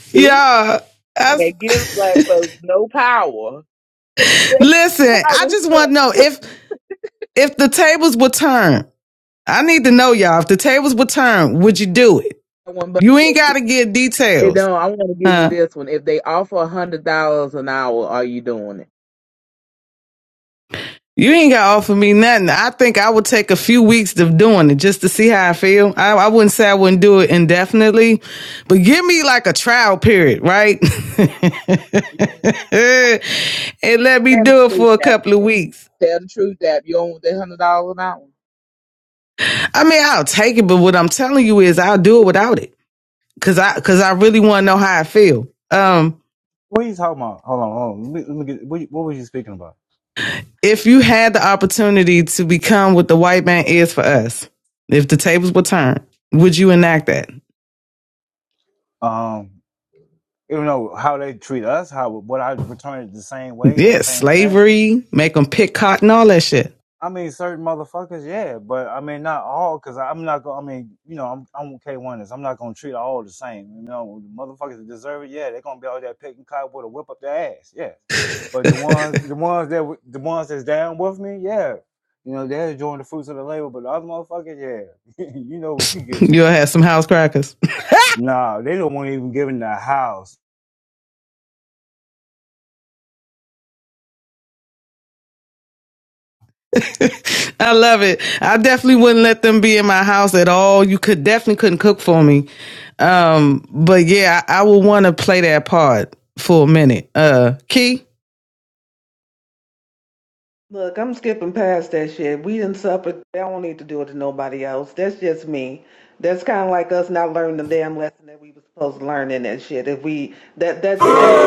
See?
yeah. I,
They give black folks no power.
listen, I
Power
just want to know
structure.
if if the tables would turn. I need to know y'all. If the tables would turn, would you do it?
One,
You
but
ain't got to get
Eh,
details,
No, I want to give you
huh?
this one. If they offer a hundred dollars an hour, are you doing it?
You ain't got to offer me nothing. I think I would take a few weeks of doing it just to see how I feel. I, I wouldn't say I wouldn't do it indefinitely, but give me like a trial period, right?
You don't want the
and
$100
let me
Tell the
do it
truth,
for a
Dap.
couple of weeks.
Tell the truth, Dap. You don't want that hundred dollars an hour.
I mean, I'll take it, but what I'm telling you is I'll do it without it. Cause I, cause I really want to know how I feel. Um,
What are you talking about? Hold on, hold on. Let me, let me get, what, what were you speaking about?
if you had the opportunity to become what the white man is for us, if the tables were turned, would you enact that?
Um, you know how they treat us, how would I return it the same way in the
Yes,
same sense?
slavery, make them pick cotton, all that shit.
I mean, certain motherfuckers, yeah, but I mean, not all, because I'm not gonna. I mean, you know, I'm I'm okay one is I'm not gonna treat all the same. You know, the motherfuckers that deserve it, yeah, they're gonna be out there picking cotton with a whip up their ass, yeah. But the ones, the ones that w- the ones that's down with me, yeah, you know, they're enjoying the fruits of the labor. But the other motherfuckers, yeah, you know what you get.
You'll have some house crackers.
Nah, they don't want to even give in the house.
I love it. I definitely wouldn't let them be in my house at all. You could definitely couldn't cook for me. Um, but yeah, I, I would want to play that part for a minute. Uh, Key,
Look, I'm skipping past that shit. We didn't suffer. They don't need to do it to nobody else. That's just me. That's kind of like us not learning the damn lesson that we were supposed to learn in that shit. If we that that's that's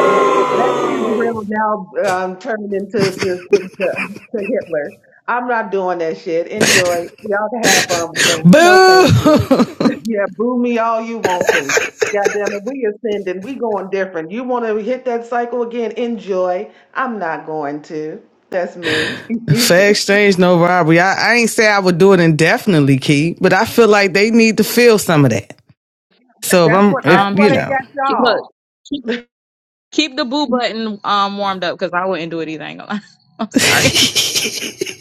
yeah, that's Israel now um, turned into to, to, to, to Hitler. I'm not doing that shit. Enjoy. Y'all can have fun with that. No, thank you.
Boo!
yeah, boo me all you want to. God damn it, we ascending. We going different. You want to hit that cycle again? Enjoy. I'm not going to. That's me.
Fair exchange, no robbery. I, I ain't say I would do it indefinitely, Key, but I feel like they need to feel some of that. So if
That's
I'm,
what
if
that's
Um,
what
you
they
keep,
know,
got
keep look,
y'all.
keep, keep the boo button um warmed up because I wouldn't do it either. I ain't gonna lie. I'm sorry.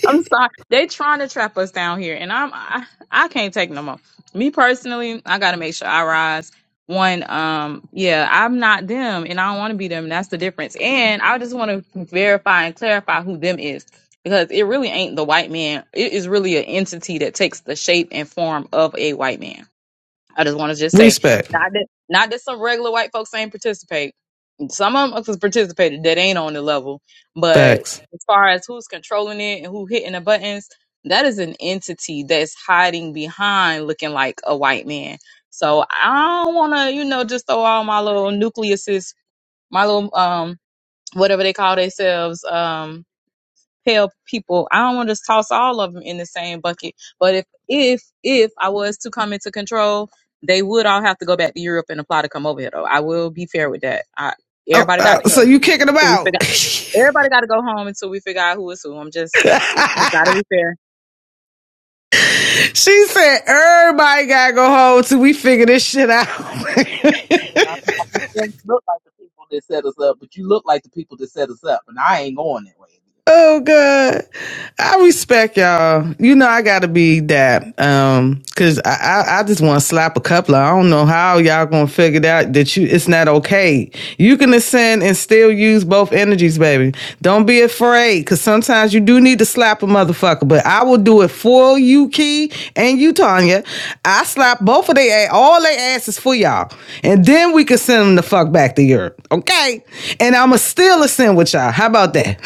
I'm sorry. They trying to trap us down here, and I'm I, I can't take no more. Me personally, I gotta make sure I rise. One, um, yeah, I'm not them, and I don't want to be them. That's the difference. And I just want to verify and clarify who them is, because it really ain't the white man. It is really an entity that takes the shape and form of a white man. I just want to just say,
respect,
not that not that some regular white folks ain't participate. Some of them participated that ain't on the level, but
facts.
as far as who's controlling it and who hitting the buttons, that is an entity that's hiding behind looking like a white man. So I don't want to, you know, just throw all my little nucleuses, my little um whatever they call themselves, um pale people. I don't want to toss all of them in the same bucket. But if if if I was to come into control, they would all have to go back to Europe and apply to come over here. Though I will be fair with that. I,
Oh,
everybody got to
uh, so
go.
you kicking them
So we figure.
out? she
Everybody got to go home until we figure out who is who. I'm just, it, just got to be fair.
said everybody gotta go home till we figure this shit out.
And I, I mean, you don't look like the people that set us up, but you look like the people that set us up, and I ain't going that way. again.
Oh God. I respect y'all. You know I gotta be that. Um, cause I, I, I just wanna slap a couple. I don't know how y'all gonna figure it out that you it's not okay. You can ascend and still use both energies, baby. Don't be afraid, cause sometimes you do need to slap a motherfucker, but I will do it for you, Key and you, Tanya. I slap both of they ass, all their asses for y'all. And then we can send them the fuck back to Europe. Okay? And I'ma still ascend with y'all. How about that?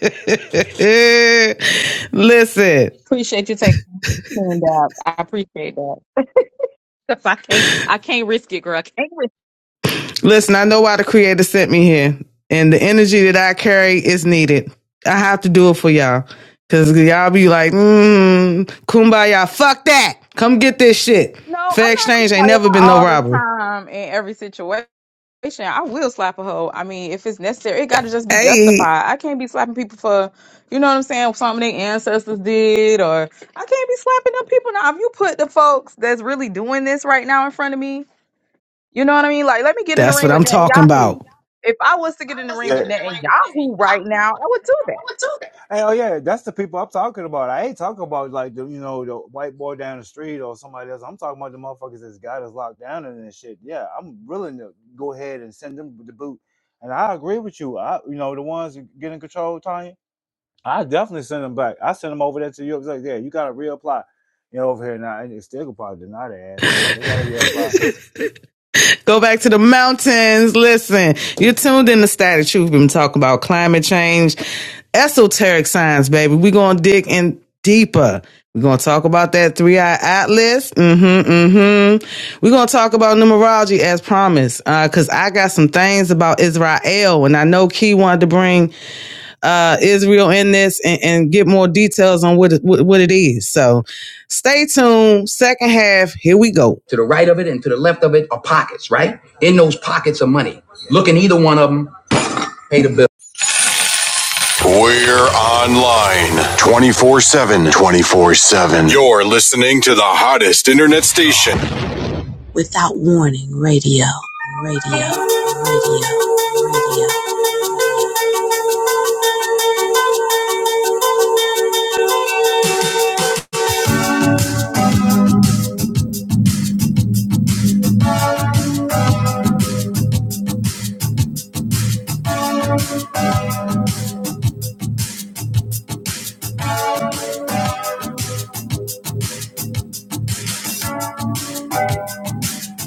listen,
Appreciate you taking the tuned out. I appreciate that. that. 'Cause I can't, I can't risk it, girl. I can't risk.
listen, I know why the creator sent me here. And the energy that I carry is needed. I have to do it for y'all. Cause y'all be like, mm, kumbaya, fuck that. Come get this shit.
No, I'm
Fair
not cool
exchange ain't never been no
all the
robbery.
time in every situation. situation, I will slap a hoe. I mean, if it's necessary, it got to just be
Hey,
justified. I can't be slapping people for, you know what I'm saying, something their ancestors did, or I can't be slapping them people. Now, if you put the folks that's really doing this right now in front of me, you know what I mean? Like, let me get in the
that's
ring
what
with
I'm talking
Netanyahu.
about.
If I was to
I
get in the
was
ring
Yeah.
with Netanyahu right now, I would do that.
Hey, oh yeah, that's the people I'm talking about. I ain't talking about like the you know the white boy down the street or somebody else. I'm talking about the motherfuckers that's got us locked down and this shit. Yeah, I'm willing to go ahead and send them the boot. And I agree with you. I you know the ones that get in control, Tanya. I definitely send them back. I send them over there to Europe. It's like, yeah, you got to reapply. You know, over here now, and they still could probably deny their ass, but yeah, they got to reapply.
Go back to the mountains. Listen, you're tuned in to Static Truth. We've been talking about climate change, esoteric science, baby. We're going to dig in deeper. We're going to talk about that three eye atlas. Mm-hmm, mm-hmm. We're going to talk about numerology as promised, because uh, I got some things about Israel, and I know Key wanted to bring uh, Israel in this and, and get more details on what it, what what it is. So stay tuned. Second half, here we go. To the right of it and to the left of it are pockets, right? In those pockets of money. Look in either one of them, pay the bill. We're online 24 7. 24 7. You're listening to the hottest internet station. Without warning, radio, radio, radio, radio.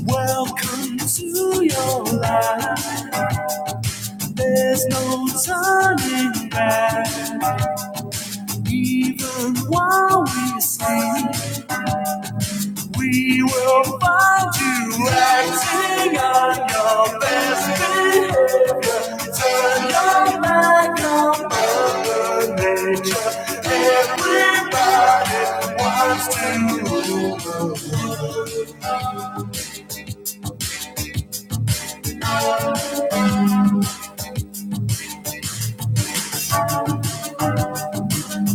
Welcome to your life. There's no turning back. Even while we sing, we will find you acting on your best behavior. Turn your back on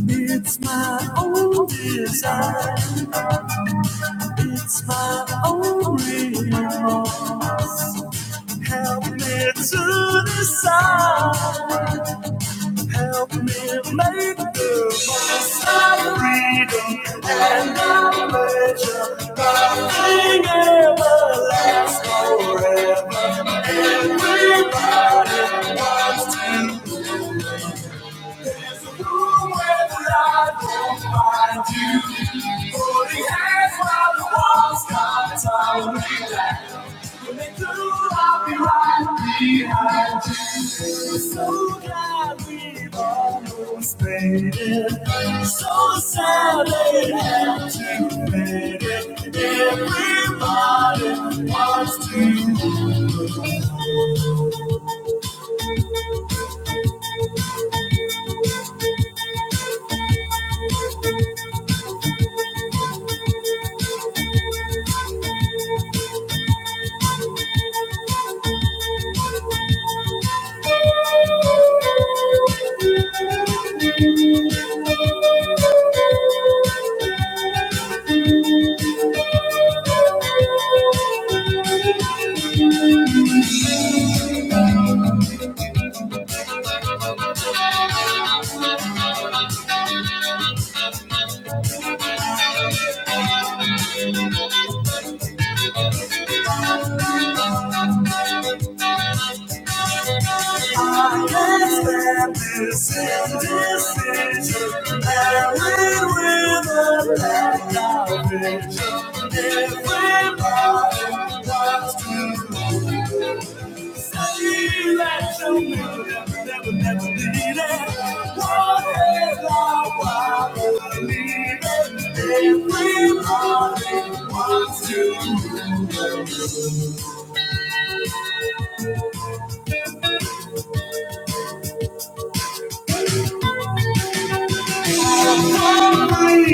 It's my own desire. It's my own remorse. Help me to decide. So glad we almost made it. So sad they had to fade it. Everybody wants to miss this. Is Aaron with a She likes to make never, never need it. do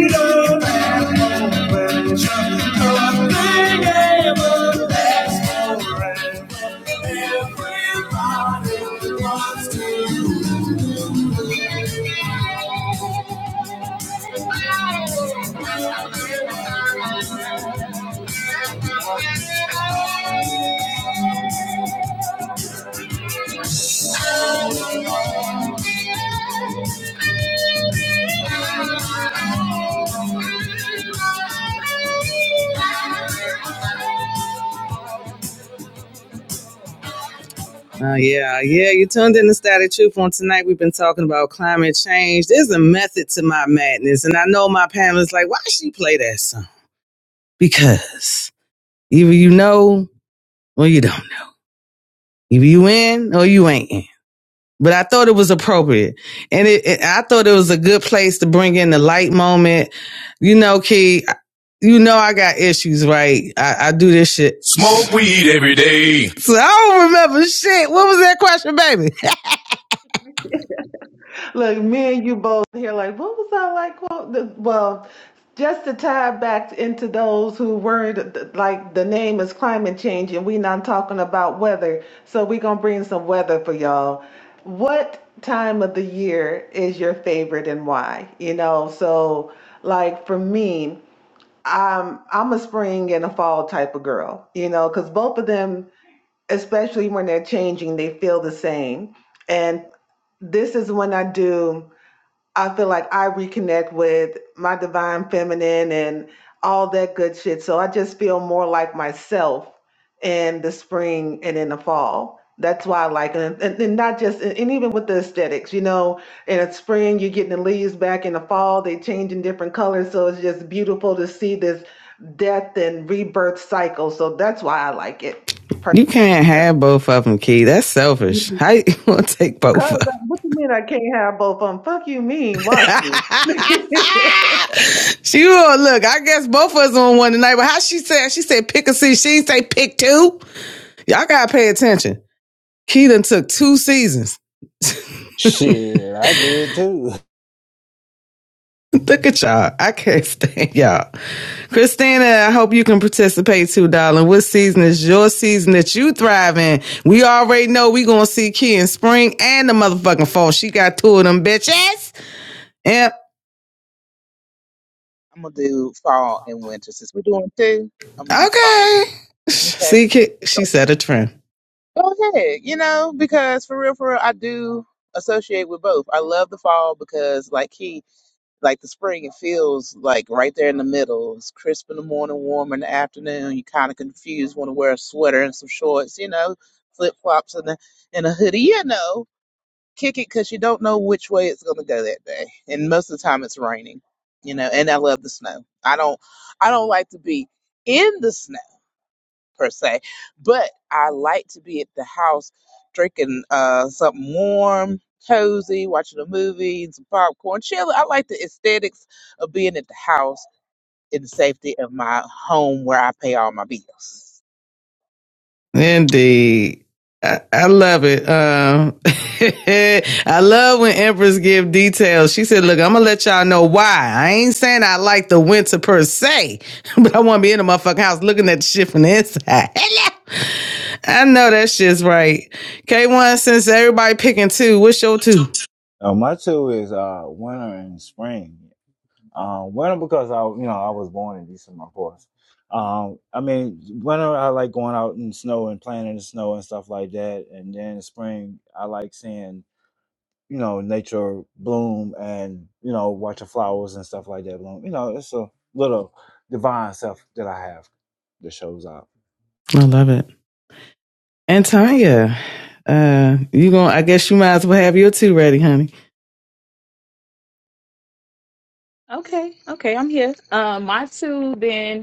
yeah, yeah, you tuned in to Static Truth on tonight. We've been talking about climate change. There's a method to my madness. And I know my panel is like, why she play that song? Because either you know or you don't know. Either you in or you ain't. in. but I thought it was appropriate, and it, it- I thought it was a good place to bring in the light moment. You know, Key, you know I got issues, right? I, I do this shit, Smoke weed every day. so I don't remember shit. What was that question, baby?
Look, me and you both here like, what was I like? Well, the, well just to tie back into those who weren't like the name is climate change and we not talking about weather. So we going to bring some weather for y'all. What time of the year is your favorite and why? You know, so like for me, I'm I'm a spring and a fall type of girl, you know, because both of them especially when they're changing, they feel the same. And this is when I do, I feel like I reconnect with my divine feminine and all that good shit. So I just feel more like myself in the spring and in the fall. That's why I like it. And, and not just, and even with the aesthetics, you know, in the spring, you're getting the leaves back in the fall, they change in different colors. So it's just beautiful to see this death and rebirth cycle. So that's why I like it
You
personally.
can't have both of them, Key. That's selfish. How you gonna take
Cause
both of them?
uh, what you mean I can't have both of them? Fuck you mean? Watch me.
she will look. I guess both of us on one tonight. But how she said? She said pick a season. She didn't say pick two. Y'all gotta pay attention. Key done took two seasons.
Shit, I did too.
Look at y'all. I can't stand y'all. Christina, I hope you can participate too, darling. What season is your season that you thrive in? We already know we gonna see Key in spring and the motherfucking fall. She got two of them bitches. Yep.
I'm gonna do fall and winter since we're doing two. I'm gonna do fall.
Okay.
Okay,
See, Key, she set a trend.
go ahead. You know, because for real, for real, I do associate with both. I love the fall because, like he Like the spring, it feels like right there in the middle. It's crisp in the morning, warm in the afternoon. You kind of confused, want to wear a sweater and some shorts, you know, flip flops and a and a hoodie, you know. Kick it because you don't know which way it's gonna go that day, and most of the time it's raining, you know. And I love the snow. I don't, I don't like to be in the snow per se, but I like to be at the house drinking uh, something warm, cozy, watching a movie, some popcorn, chill. I like the aesthetics of being at the house in the safety of my home where I pay all my bills.
Indeed. I, I love it. Um, I love when empress give details. She said, look, I'm going to let y'all know why. I ain't saying I like the winter per se, but I want to be in the motherfucking house looking at the shit from the inside. Hello. I know that shit's right. K1, since everybody picking two, what's your two?
Uh, my two is uh winter and spring. Uh, winter because I, you know, I was born in December, of course. Um, I mean, winter I like going out in snow and playing in the snow and stuff like that. And then in spring, I like seeing, you know, nature bloom and you know, watching flowers and stuff like that bloom. You know, it's a little divine self that I have that shows up.
I love it. And Tanya, uh, you going to I guess you might as well have your two ready, honey.
Okay, okay, I'm here. Um, my two then.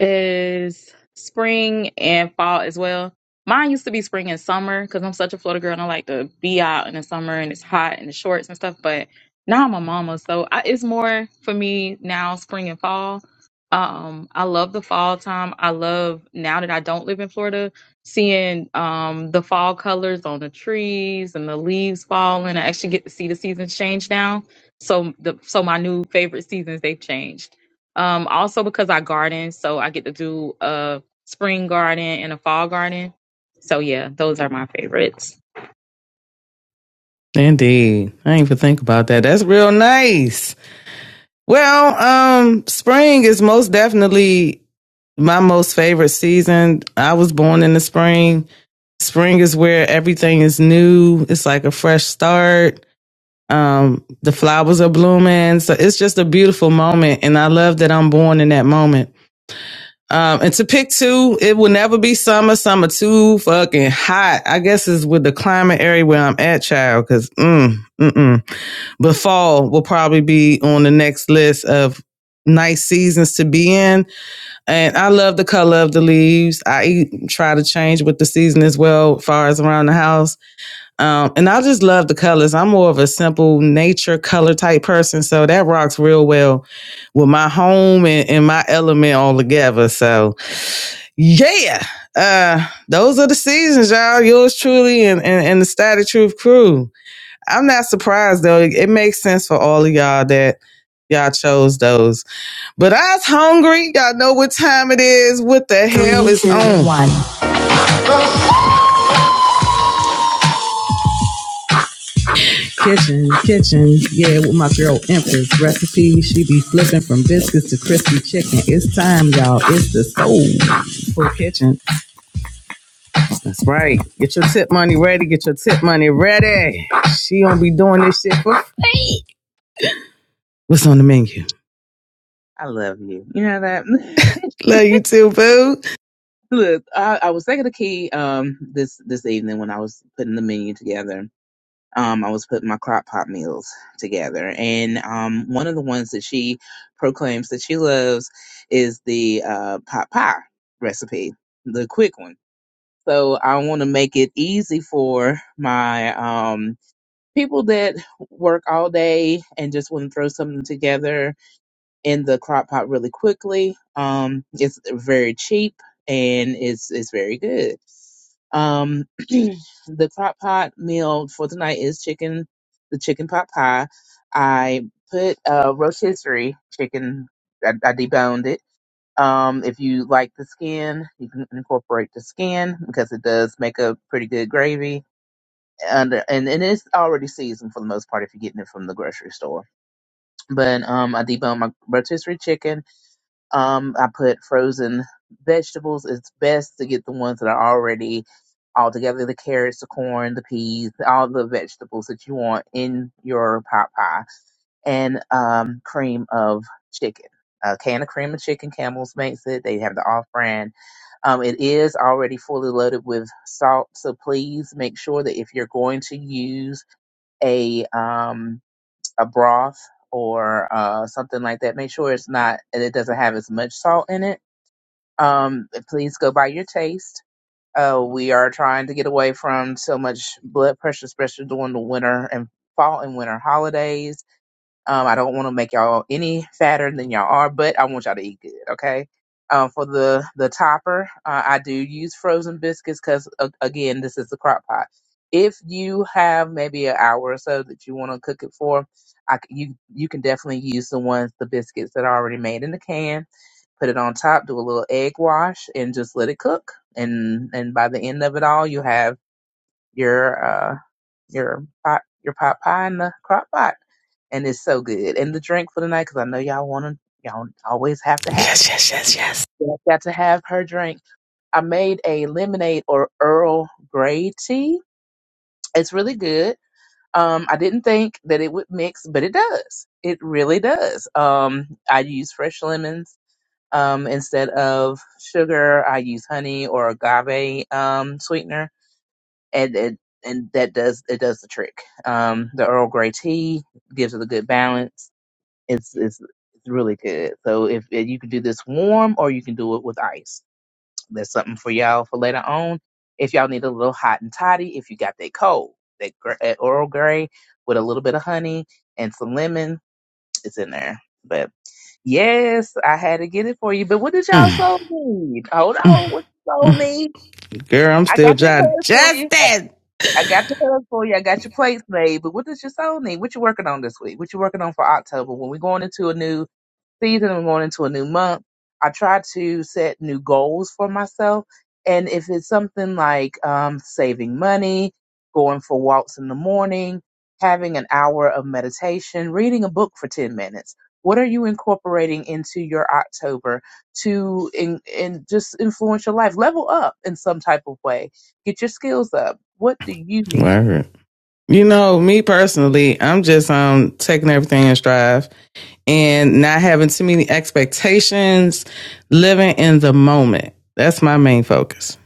is spring and fall as well. Mine used to be spring and summer because I'm such a Florida girl and I like to be out in the summer and it's hot and the shorts and stuff. But now I'm a mama, so I, it's more for me now spring and fall. Um, I love the fall time. I love now that I don't live in Florida, seeing um the fall colors on the trees and the leaves falling. I actually get to see the seasons change now. So the so my new favorite seasons they've changed. Um, also because I garden, so I get to do a spring garden and a fall garden. So yeah, those are my favorites.
Indeed. I ain't even think about that. That's real nice. Well, um, spring is most definitely my most favorite season. I was born in the spring. Spring is where everything is new. It's like a fresh start. Um, the flowers are blooming. So it's just a beautiful moment. And I love that I'm born in that moment. Um, and to pick two, it will never be summer. Summer too fucking hot. I guess is with the climate area where I'm at, child. Cause, mm, mm-mm but fall will probably be on the next list of nice seasons to be in. And I love the color of the leaves. I e- try to change with the season as well, as far as around the house. Um, and I just love the colors. I'm more of a simple nature color type person, so that rocks real well with my home and, and my element all together. So yeah, uh, those are the seasons, y'all. Yours truly and and, and the Static Truth crew. I'm not surprised though. It makes sense for all of y'all that y'all chose those. But I was hungry. Y'all know what time it is. What the hell is on? one. Kitchen, kitchen, yeah, with my girl Empress recipe. She be flipping from biscuits to crispy chicken. It's time, y'all. It's the soul for kitchen. That's right. Get your tip money ready. Get your tip money ready. She gonna be doing this shit for. What's on the menu?
I love you. You know that.
Love you too, boo.
Look, I, I was thinking the key um, this this evening when I was putting the menu together um, I was putting my crock pot meals together. And um, one of the ones that she proclaims that she loves is the uh, pot pie recipe, the quick one. So I want to make it easy for my um, people that work all day and just want to throw something together in the crock pot really quickly. Um, it's very cheap and it's it's very good. Um, the crock pot meal for tonight is chicken, the chicken pot pie. I put uh, rotisserie chicken. I, I deboned it. Um, if you like the skin, you can incorporate the skin because it does make a pretty good gravy. And, and and it's already seasoned for the most part if you're getting it from the grocery store. But um, I deboned my rotisserie chicken um, I put frozen vegetables. It's best to get the ones that are already all together the carrots, the corn, the peas, all the vegetables that you want in your pot pie, and um, cream of chicken. A can of cream of chicken, Campbell's makes it. They have the off brand. Um, it is already fully loaded with salt, so please make sure that if you're going to use a um, a broth or uh, something like that, make sure it's not it doesn't have as much salt in it. Um, please go by your taste. Uh, we are trying to get away from so much blood pressure, especially during the winter and fall and winter holidays um, I don't want to make y'all any fatter than y'all are, but I want y'all to eat good, okay? Um, for the the topper, uh, I do use frozen biscuits because uh, again, this is the crock pot. If you have maybe an hour or so that you want to cook it for, I c you you can definitely use the ones the biscuits that are already made in the can. Put it on top, do a little egg wash, and just let it cook. And and by the end of it all, you have your uh your pot your pot pie in the crock pot and it's so good. And the drink for the night, because I know y'all want to, y'all always have to have it.
Yes, yes, yes, yes.
Y'all Got to have her drink. I made a lemonade or Earl Grey tea. It's really good. Um, I didn't think that it would mix, but it does. It really does. Um, I use fresh lemons um, instead of sugar. I use honey or agave um, sweetener, and and and that does it does the trick. Um, the Earl Grey tea gives it a good balance it's it's it's really good. So if, if you can do this warm or you can do it with ice, that's something for y'all for later on. If y'all need a little hot and toddy, if you got that cold, that, gr- that Earl Grey with a little bit of honey and some lemon, it's in there. But yes, I had to get it for you. But what did
Mm.
y'all soul need? Hold on, what you soul need?
Girl, I'm
I
still
got that
John
hug for you.
Justin.
I got the hug for you. I got your plates made. But what does your soul need? What you working on this week? What you working on for October? When we going into a new season and going into a new month, I try to set new goals for myself. And if it's something like um, saving money, going for walks in the morning, having an hour of meditation, reading a book for 10 minutes, what are you incorporating into your October to in, in just influence your life? Level up in some type of way. Get your skills up. What do you need?
Word. You know, me personally, I'm just um taking everything in stride and not having too many expectations, living in the moment. That's my main focus.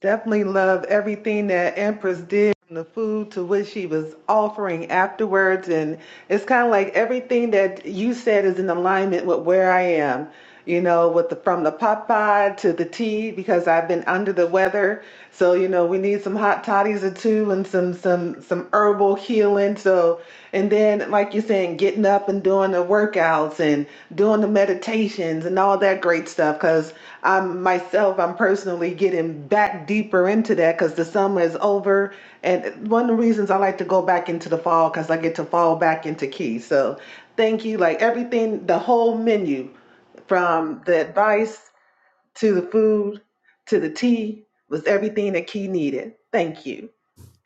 Definitely love everything that Empress did from the food to what she was offering afterwards. And it's kind of like everything that you said is in alignment with where I am, you know, with the from the pot pie to the tea, because I've been under the weather. So, you know, we need some hot toddies or two and some some some herbal healing. So, and then like. like you're saying, getting up and doing the workouts and doing the meditations and all that great stuff. Because I'm myself, I'm personally getting back deeper into that because the summer is over. And one of the reasons I like to go back into the fall because I get to fall back into key. So thank you. Like everything, the whole menu from the advice to the food to the tea was everything that Key needed. Thank you.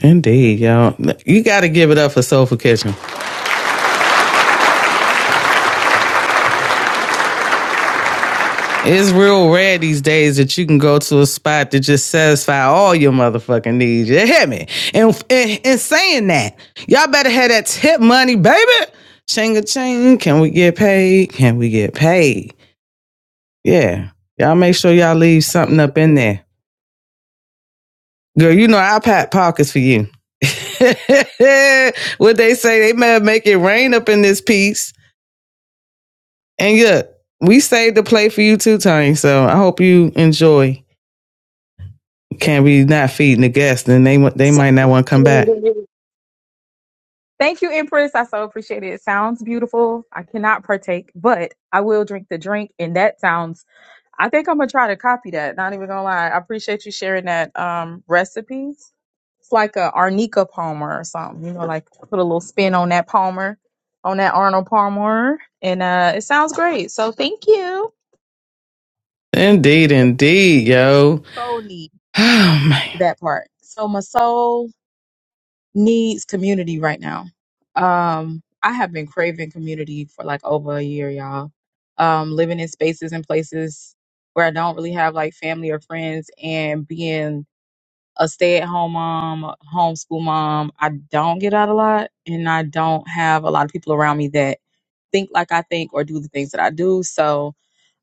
Indeed, y'all. You got to give it up for Soulful Kitchen. It's real rare these days that you can go to a spot that just satisfy all your motherfucking needs. You hear me? And and, and saying that, y'all better have that tip money, baby. Chinga ching. Can we get paid? Can we get paid? Yeah. Y'all make sure y'all leave
I
something
need to
up in there. Girl, you know I pack pockets for you. what they say, they may make it rain up in this piece. And look, we saved the play for you too, Tony. So I hope you enjoy Can't be not feeding the guests, then they they
So
might not want to come back.
thank you, Empress. I so appreciate it. It sounds beautiful. I cannot partake, but I will drink the drink. And that sounds I think I'm gonna try to copy that. Not even gonna lie. I appreciate you sharing that um recipes. It's like a Arnica Palmer or something, you know, like put a little spin on that Palmer, on that Arnold Palmer. And uh it sounds great. So thank you.
Indeed, indeed, yo.
soul needs
Oh man,
that part. So my soul needs community right now. Um, I have been craving community for like over a year, y'all. Um, living in spaces and places where I don't really have like family or friends, and being a stay-at-home mom, a homeschool mom, I don't get out a lot, and I don't have a lot of people around me that think like I think or do the things that I do. So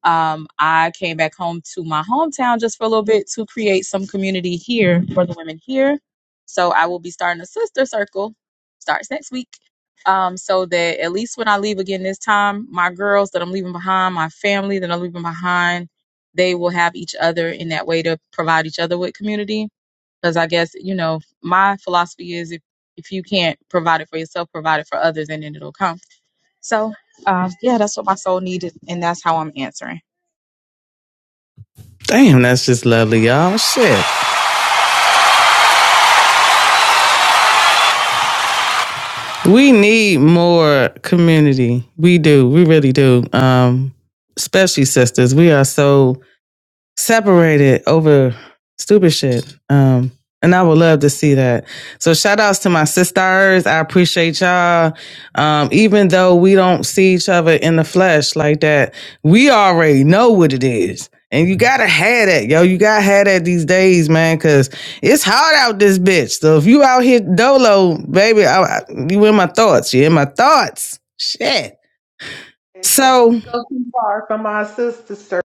um, I came back home to my hometown just for a little bit to create some community here for the women here. So I will be starting a sister circle, starts next week. Um, so that at least when I leave again this time, my girls that I'm leaving behind, my family that I'm leaving behind, they will have each other in that way to provide each other with community. Because I guess, you know, my philosophy is if, if you can't provide it for yourself, provide it for others and then it'll come. So, uh, yeah, that's what my soul needed, and that's how I'm answering.
damn, that's just lovely, y'all. Shit, we need more community. We do, we really do. Um, especially sisters, we are so separated over stupid shit. Um, and I would love to see that. So shout outs to my sisters. I appreciate y'all. Um, even though we don't see each other in the flesh like that, we already know what it is. And you gotta have that, yo. You gotta have that these days, man, cause it's hard out this bitch. So if you out here dolo, baby, I, I- you in my thoughts. You in my thoughts. Shit.
And before we
So
go too far from our sister, sir.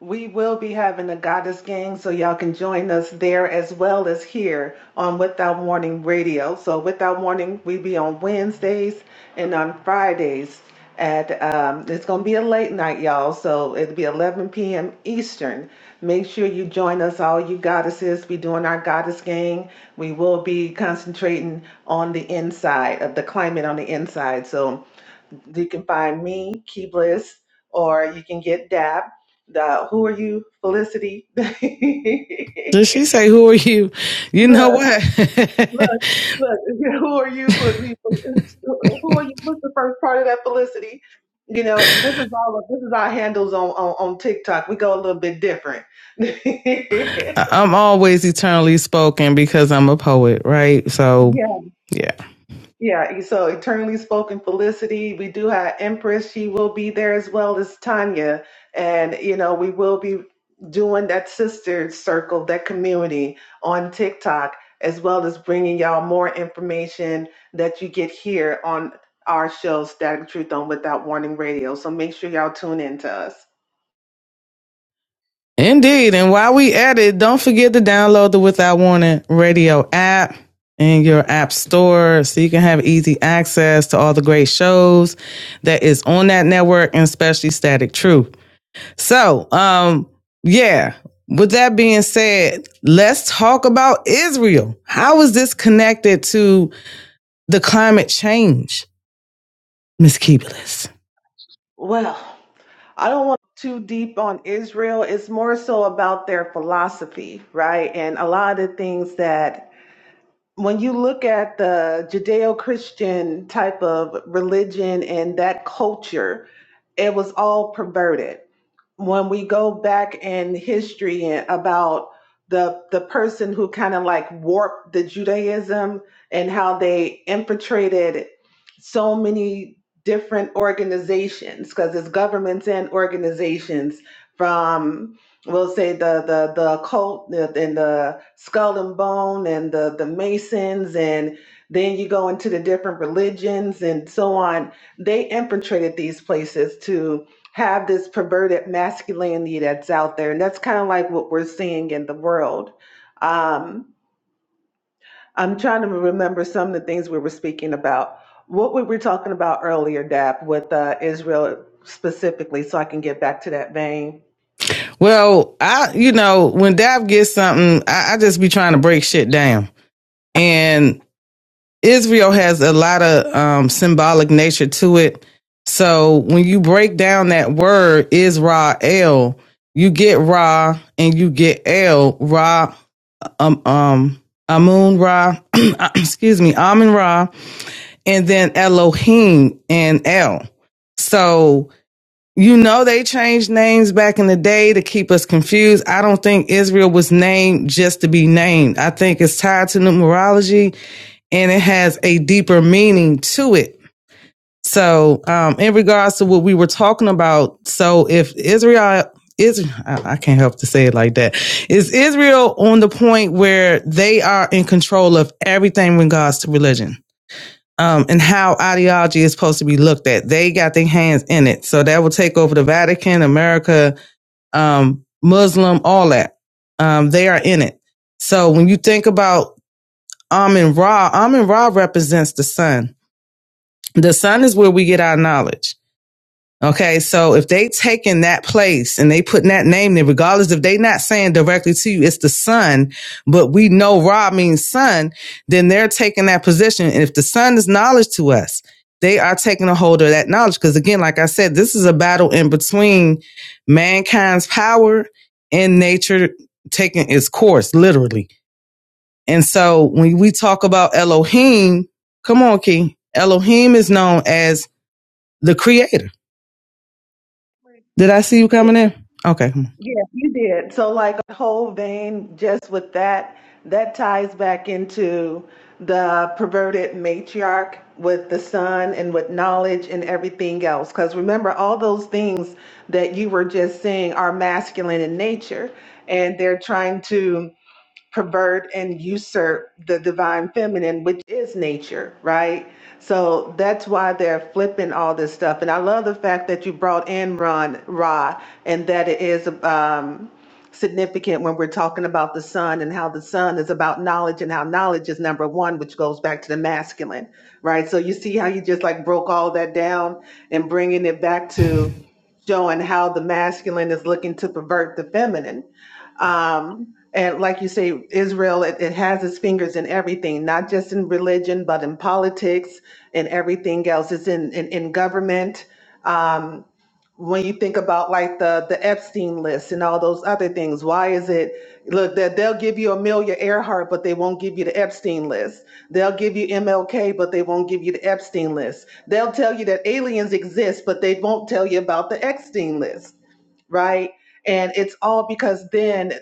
We will be having a goddess gang, so y'all can join us there as well as here on Without Warning Radio. So Without Warning, we be on Wednesdays and on Fridays. At um, it's gonna be a late night, y'all. So it'll be 11 p.m. Eastern. Make sure you join us, all you goddesses. Be doing our goddess gang. We will be concentrating on the inside of the climate on the inside. So you can find me, Key Bliss, or you can get Dab. The who are you, Felicity? look,
does she say, "Who are you?" You know what?
look, look. Who are you? Fel- Who are you? What's the first part of that, Felicity? You know, this is all. This is our handles on on, on TikTok. We go a little bit different.
I'm always eternally spoken because I'm a poet, right?
yeah,
So, yeah.
Yeah, e, so Eternally Spoken Felicity, we do have Empress. She will be there as well as Tanya. And, you know, we will be doing that sister circle, that community on TikTok, as well as bringing y'all more information that you get here on our show, Static Truth on Without Warning Radio. So make sure y'all tune in to us.
Indeed. And while we at it, don't forget to download the Without Warning radio app in your app store so you can have easy access to all the great shows that is on that network and especially Static Truth. So, um, yeah. With that being said, let's talk about Israel. How is this connected to the climate change, Miss Keebulis?
Well, I don't want too deep on Israel. It's more so about their philosophy, right? And a lot of the things that when you look at the judeo-christian type of religion and that culture it was all perverted when we go back in history about the the person who kind of like warped the Judaism and how they infiltrated so many different organizations because it's governments and organizations from we'll say the the the occult and the skull and bone and the the masons and then you go into the different religions and so on they infiltrated these places to have this perverted masculinity that's out there. And that's kind of like what we're seeing in the world. Um, I'm trying to remember some of the things we were speaking about. What we were talking about earlier, Dap, with uh, Israel specifically, so I can get back to that vein.
Well, I, you know, when Dab gets something, I, I just be trying to break shit down. And Israel has a lot of um, symbolic nature to it. So when you break down that word Israel, you get Ra and you get El Ra, um, um, Amun Ra, excuse me, Amun Ra, and then Elohim and El. So you know, they changed names back in the day to keep us confused. I don't think Israel was named just to be named. I think it's tied to numerology and it has a deeper meaning to it. So, um, in regards to what we were talking about, so if Israel is, I I can't help to say it like that. Is Israel on the point where they are in control of everything in regards to religion? um, and how ideology is supposed to be looked at. They got their hands in it. So that will take over the Vatican, America, um, Muslim, all that. Um, they are in it. So when you think about Amun Ra, Amun Ra represents the sun. The sun is where we get our knowledge. Okay, so if they taking that place and they putting that name there, regardless if they not saying directly to you, it's the son, but we know Ra means son, then they're taking that position. And if the son is knowledge to us, they are taking a hold of that knowledge. Because again, like I said, this is a battle in between mankind's power and nature taking its course, literally. And so when we talk about Elohim, come on, King, Elohim is known as the creator. Did I see you
Yeah.
coming in? Okay, come
Yeah, you did. So, like a whole vein, just with that, that ties back into the perverted matriarch with the son and with knowledge and everything else. Because remember, all those things that you were just saying are masculine in nature, and they're trying to pervert and usurp the divine feminine, which is nature, right? So that's why they're flipping all this stuff. And I love the fact that you brought in Ron Ra and that it is um, significant when we're talking about the sun and how the sun is about knowledge and how knowledge is number one, which goes back to the masculine, right? So you see how you just like broke all that down and bringing it back to showing how the masculine is looking to pervert the feminine. Um, and like you say, Israel, it, it has its fingers in everything, not just in religion, but in politics and everything else. It's in, in, in government. Um, when you think about like the, the Epstein list and all those other things, why is it, look, that they'll give you Amelia Earhart, but they won't give you the Epstein list. They'll give you MLK, but they won't give you the Epstein list. They'll tell you that aliens exist, but they won't tell you about the Epstein list, right? And it's all because then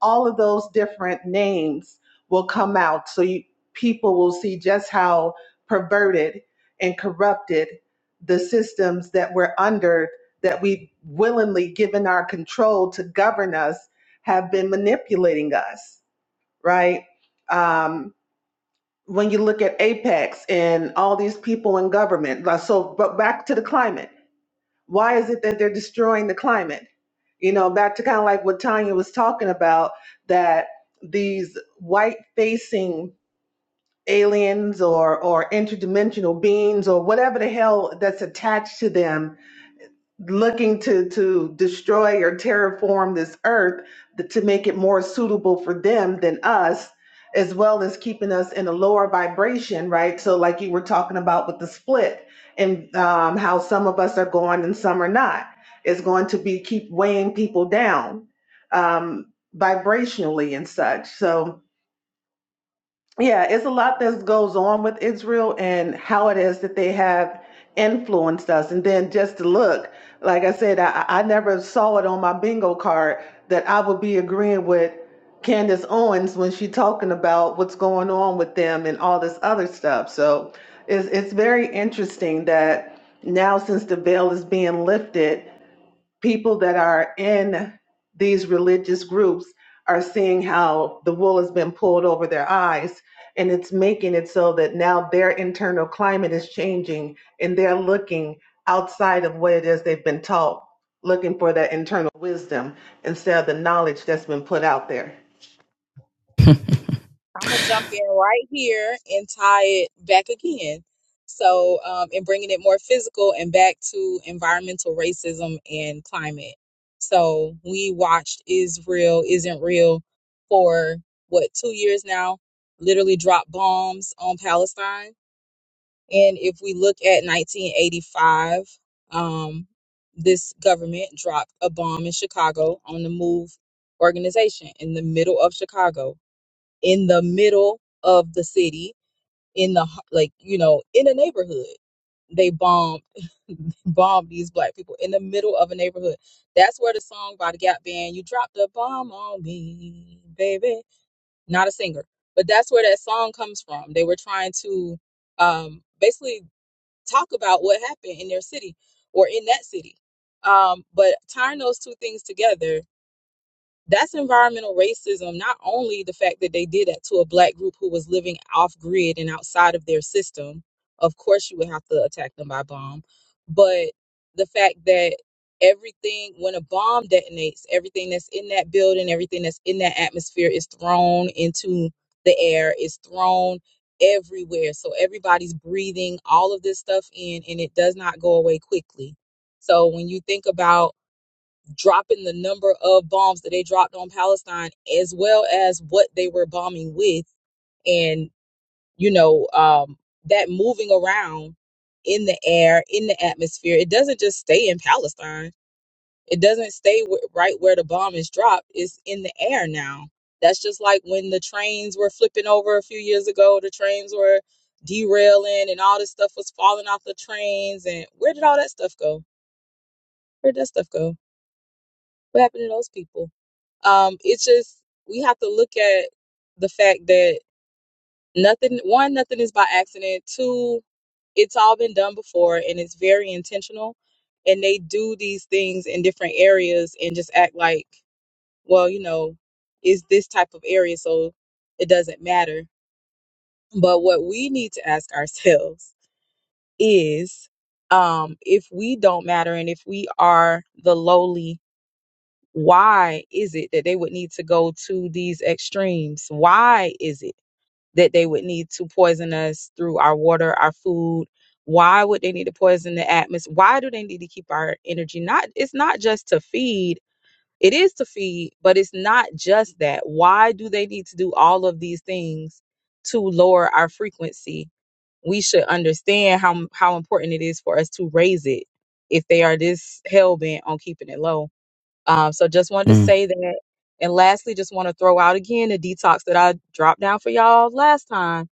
all of those different names will come out. So you, people will see just how perverted and corrupted the systems that we're under, that we've willingly given our control to govern us, have been manipulating us, right? Um, when you look at Apex and all these people in government, like, so, but back to the climate why is it that they're destroying the climate? You know, back to kind of like what Tanya was talking about that these white facing aliens or or interdimensional beings or whatever the hell that's attached to them looking to to destroy or terraform this earth th- to make it more suitable for them than us as well as keeping us in a lower vibration right so like you were talking about with the split and um, how some of us are going and some are not it's going to be keep weighing people down um, vibrationally and such so yeah, it's a lot that goes on with Israel and how it is that they have influenced us. And then just to look, like I said, I, I never saw it on my bingo card that I would be agreeing with Candace Owens when she talking about what's going on with them and all this other stuff. So it's it's very interesting that now since the veil is being lifted people that are in these religious groups are seeing how the wool has been pulled over their eyes and it's making it so that now their internal climate is changing and they're looking outside of what it is they've been taught looking for that internal wisdom instead of the knowledge that's been put out there
I'm gonna jump in right here and tie it back again. So, um, and bringing it more physical and back to environmental racism and climate. So, we watched Israel Isn't Real for what, two years now, literally drop bombs on Palestine. And if we look at 1985, um, this government dropped a bomb in Chicago on the Move organization in the middle of Chicago in the middle of the city, in the h- like, you know, in a neighborhood. They bombed bombed these black people in the middle of a neighborhood. That's where the song by the Gap Band, "You Dropped a Bomb on Me, Baby." Not a singer, but that's where that song comes from. They were trying to um, basically talk about what happened in their city or in that city. Um, but tying those two things together, that's environmental racism not only the fact that they did that to a black group who was living off grid and outside of their system of course you would have to attack them by bomb but the fact that everything when a bomb detonates everything that's in that building everything that's in that atmosphere is thrown into the air is thrown everywhere so everybody's breathing all of this stuff in and it does not go away quickly so when you think about dropping the number of bombs that they dropped on Palestine, as well as what they were bombing with, and you know um, that moving around in the air, in the atmosphere. It doesn't just stay in Palestine. It doesn't stay w- right where the bomb is dropped. It's in the air now. That's just like when the trains were flipping over a few years ago. The trains were derailing, and all this stuff was falling off the trains. And where did all that stuff go? Where did that stuff go? What happened to those people? Um, it's just we have to look at the fact that nothing one, nothing is by accident. Two, it's all been done before and it's very intentional. And they do these things in different areas and just act like, well, you know, is this type of area, so it doesn't matter. But what we need to ask ourselves is um, if we don't matter and if we are the lowly why is it that they would need to go to these extremes? Why is it that they would need to poison us through our water, our food? Why would they need to poison the atmosphere? Why do they need to keep our energy? Not it's not just to feed. It is to feed, but it's not just that. Why do they need to do all of these things to lower our frequency? We should understand how how important it is for us to raise it if they are this hell bent on keeping it low um, so just wanted
on.
to
Mm.
say that. And lastly, just want to throw out again the detox that I dropped down for y'all last time.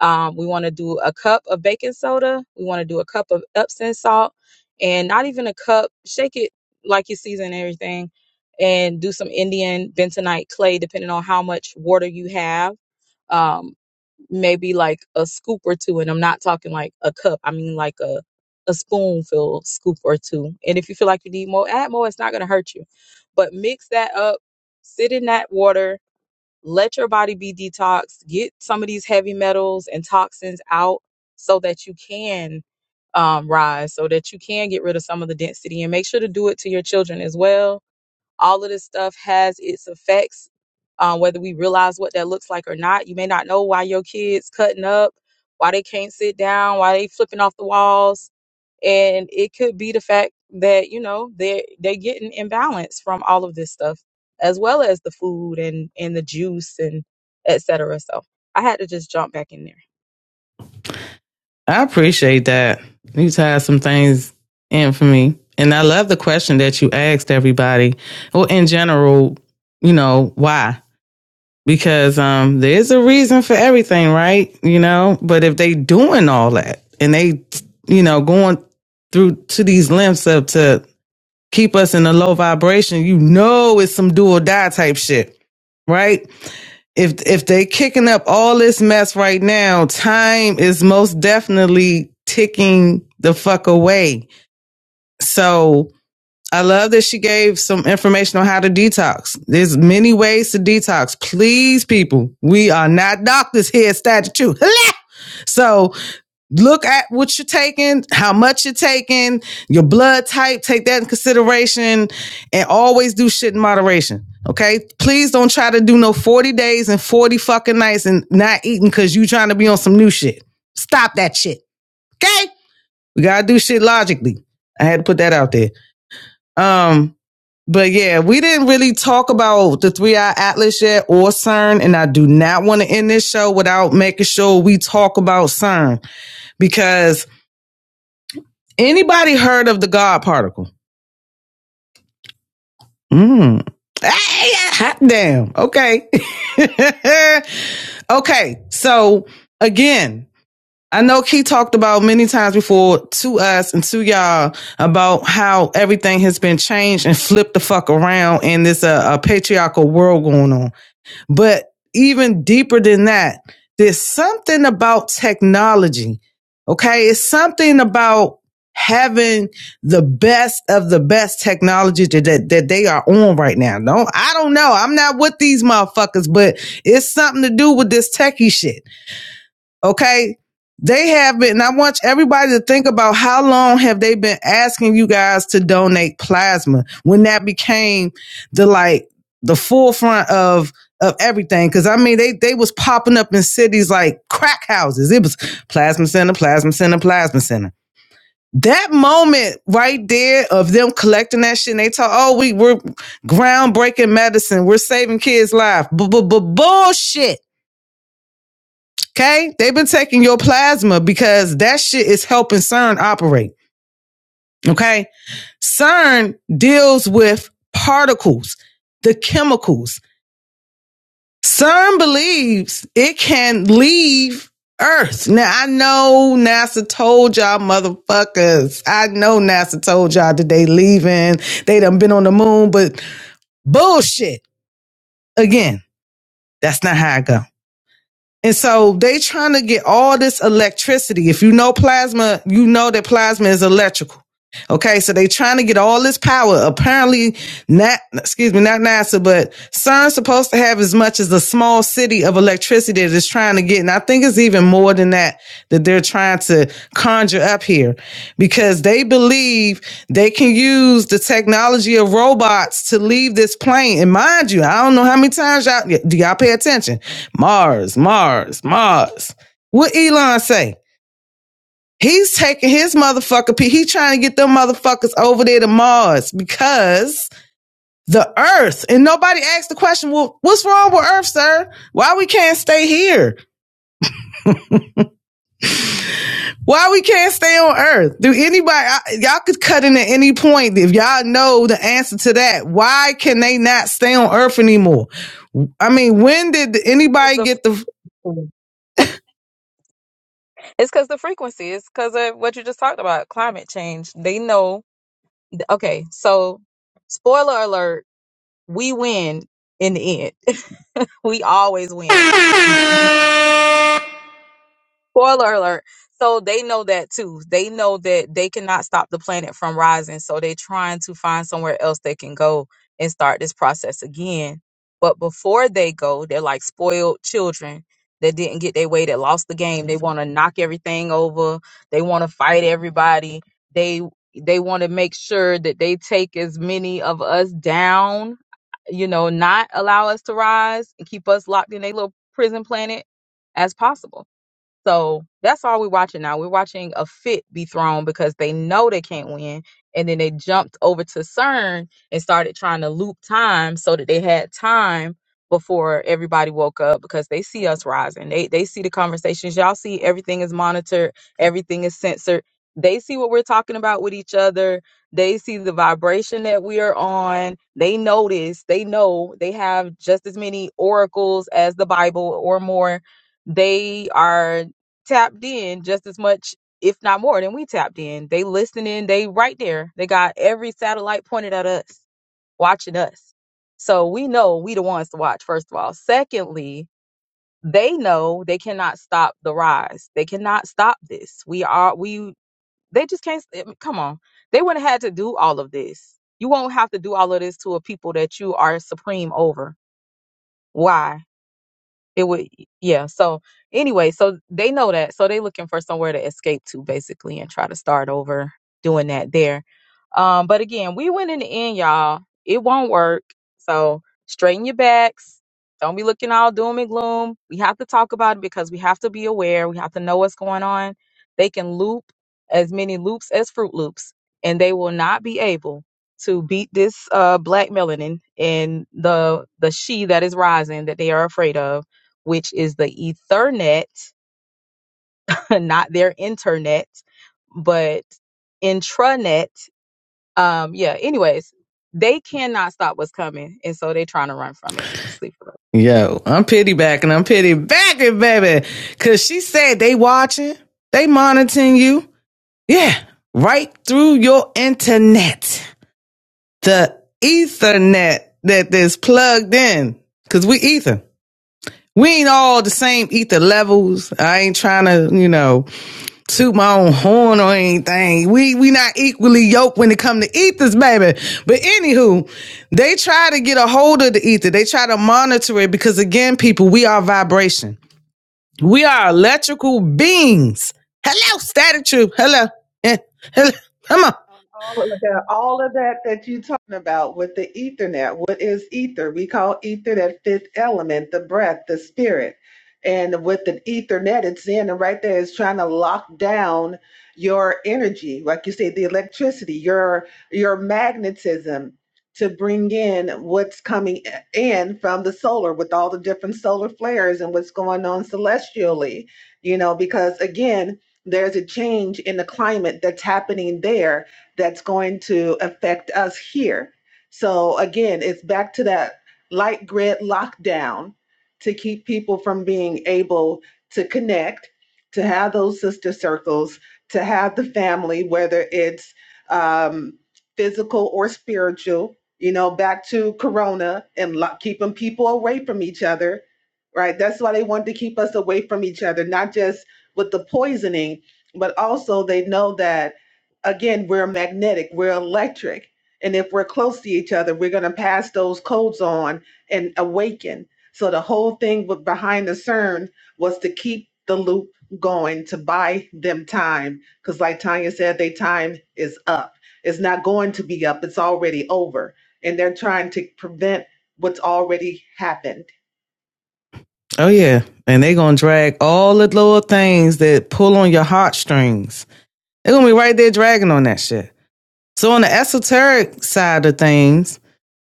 Um, we want to do a cup of baking soda. We want to do a cup of Epsom salt and not even a cup. Shake it like you season everything and do some Indian bentonite clay, depending on how much water you have. Um, maybe like a scoop or two and i'm not talking like a cup i mean like a a spoonful scoop or two and if you feel like you need more add more it's not going to hurt you but mix that up sit in that water let your body be detoxed get some of these heavy metals and toxins out so that you can um, rise so that you can get rid of some of the density and make sure to do it to your children as well all of this stuff has its effects, um, whether we realize what that looks like or not. You may not know why your kids cutting up, why they can't sit down, why they flipping off the walls, and it could be the fact that you know they they getting imbalanced from all of this stuff, as well as the food and and the juice and et cetera. So I had to just jump back in there.
I appreciate that. You tied some things in for me. And I love the question that you asked everybody. Well, in general, you know, why? Because um there's a reason for everything, right? You know, but if they doing all that and they, you know, going through to these lengths of to keep us in a low vibration, you know it's some do or die type shit, right? if if they kicking up all this mess right now, time is most definitely ticking the fuck away. So I love that she gave some information on how to detox. There's many ways to detox. Please, people, we are not doctors here, statute. so look at what you're taking, how much you're taking, your blood type, take that in consideration, and always do shit in moderation. Okay? Please don't try to do no 40 days and 40 fucking nights and not eating because you trying to be on some new shit. Stop that shit. Okay? We gotta do shit logically. I had to put that out there. Um, but yeah, we didn't really talk about the three eye atlas yet or CERN, and I do not want to end this show without making sure we talk about CERN because Anybody heard of the God particle? Mm. Hey, yeah. hot damn. Okay. okay. So again, I know Key talked about many times before to us and to y'all about how everything has been changed and flipped the fuck around in this uh, a patriarchal world going on. But even deeper than that, there's something about technology. Okay. It's something about having the best of the best technology that, that, that they are on right now. No, I don't know. I'm not with these motherfuckers, but it's something to do with this techie shit. Okay. They have been, and I want everybody to think about how long have they been asking you guys to donate plasma when that became the like the forefront of of everything. Cause I mean they they was popping up in cities like crack houses. It was plasma center, plasma center, plasma center. That moment right there of them collecting that shit and they talk, oh, we, we're groundbreaking medicine. We're saving kids' lives. B-b-b- Bullshit. Okay. They've been taking your plasma because that shit is helping CERN operate. Okay. CERN deals with particles, the chemicals. CERN believes it can leave Earth. Now I know NASA told y'all motherfuckers. I know NASA told y'all that they leaving. They done been on the moon, but bullshit. Again, that's not how I go. And so they trying to get all this electricity. If you know plasma, you know that plasma is electrical. Okay, so they trying to get all this power. Apparently, not excuse me, not NASA, but CERN's supposed to have as much as a small city of electricity that it's trying to get. And I think it's even more than that that they're trying to conjure up here because they believe they can use the technology of robots to leave this plane. And mind you, I don't know how many times y'all do y'all pay attention. Mars, Mars, Mars. What Elon say? He's taking his motherfucker. pe- He trying to get them motherfuckers over there to Mars because the Earth. And nobody asked the question. Well, what's wrong with Earth, sir? Why we can't stay here? Why we can't stay on Earth? Do anybody I, y'all could cut in at any point if y'all know the answer to that? Why can they not stay on Earth anymore? I mean, when did
As
anybody
the
get the
food. It's because the frequency. It's because of what you just talked about, climate change. They know. Okay, so spoiler alert: we win in the end. we always win. spoiler alert so they know that too they know that they cannot stop the planet from rising so they're trying to find somewhere else they can go and start this process again but before they go they're like spoiled children that didn't get their way that lost the game they want to knock everything over they want to fight everybody they they want to make sure that they take as many of us down you know not allow us to rise and keep us locked in a little prison planet as possible so that's all we're watching now. We're watching a fit be thrown because they know they can't win. And then they jumped over to CERN and started trying to loop time so that they had time before everybody woke up because they see us rising. They they see the conversations. Y'all see everything is monitored, everything is censored. They see what we're talking about with each other. They see the vibration that we are on. They notice, they know they have just as many oracles as the Bible or more they are tapped in just as much, if not more, than we tapped in. They listening, they right there. They got every satellite pointed at us, watching us. So we know we the ones to watch, first of all. Secondly, they know they cannot stop the rise. They cannot stop this. We are we they just can't I mean, come on. They wouldn't have had to do all of this. You won't have to do all of this to a people that you are supreme over. Why? it would yeah so anyway so they know that so they looking for somewhere to escape to basically and try to start over doing that there um but again we went in the end y'all it won't work so straighten your backs don't be looking all doom and gloom we have to talk about it because we have to be aware we have to know what's going on they can loop as many loops as fruit loops and they will not be able to beat this uh black melanin and the the she that is rising that they are afraid of which is the Ethernet, not their internet, but intranet. Um, yeah, anyways, they cannot stop what's coming. And so they're trying to run from it. Let's leave it alone.
yo? I'm pity backing. I'm pity backing, baby, because she said they watching, they monitoring you. Yeah, right through your internet, the Ethernet that is plugged in, because we Ether. We ain't all the same ether levels. I ain't trying to, you know, toot my own horn or anything. We we not equally yoked when it come to ethers, baby. But anywho, they try to get a hold of the ether. They try to monitor it because again, people, we are vibration. We are electrical beings. Hello, static truth. Hello. Eh, hello. Come on.
Um, all of that, all of that that you are talking about with the Ethernet. What is ether? We call ether that fifth element, the breath, the spirit. And with the Ethernet, it's in and right there is trying to lock down your energy, like you say, the electricity, your your magnetism to bring in what's coming in from the solar with all the different solar flares and what's going on celestially, you know, because again, there's a change in the climate that's happening there that's going to affect us here. So again, it's back to that light grid lockdown to keep people from being able to connect, to have those sister circles, to have the family, whether it's um, physical or spiritual. You know, back to Corona and lo- keeping people away from each other, right? That's why they wanted to keep us away from each other, not just with the poisoning, but also they know that again, we're magnetic, we're electric. And if we're close to each other, we're going to pass those codes on and awaken. So the whole thing with behind the CERN was to keep the loop going to buy them time. Because, like Tanya said, their time is up. It's not going to be up, it's already over. And they're trying to prevent what's already happened.
Oh yeah, and they're gonna drag all the little things that pull on your heartstrings. They're gonna be right there dragging on that shit. So on the esoteric side of things,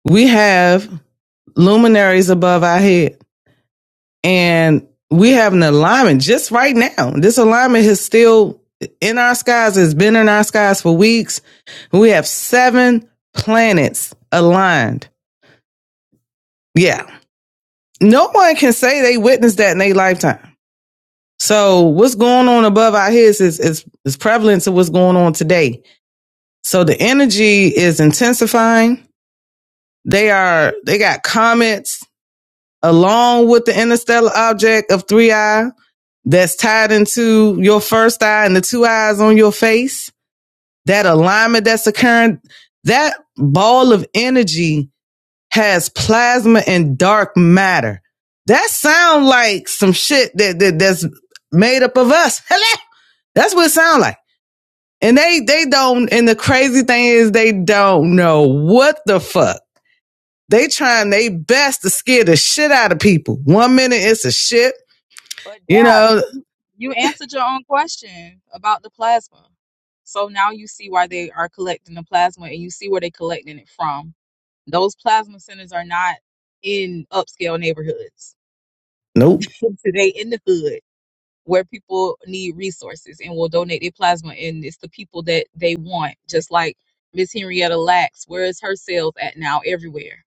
we have luminaries above our head, and we have an alignment just right now. This alignment is still in our skies. It's been in our skies for weeks. We have seven planets aligned. Yeah, no one can say they witnessed that in their lifetime. So what's going on above our heads is is is prevalent to what's going on today. So the energy is intensifying. They are they got comets along with the interstellar object of three eye that's tied into your first eye and the two eyes on your face. That alignment that's occurring, that ball of energy has plasma and dark matter. That sound like some shit that, that that's made up of us. Hello. That's what it sounds like. And they they don't and the crazy thing is they don't know what the fuck. They trying their best to scare the shit out of people. One minute it's a shit,
But
you
Dad,
know.
you you answered your own question about the plasma. So now you see why they are collecting the plasma and you see where they're collecting it from. Those plasma centers are not in upscale neighborhoods.
Nope.
they in the hood where people need resources and will donate their plasma and it's the people that they want just like miss henrietta lacks where is her sales at now everywhere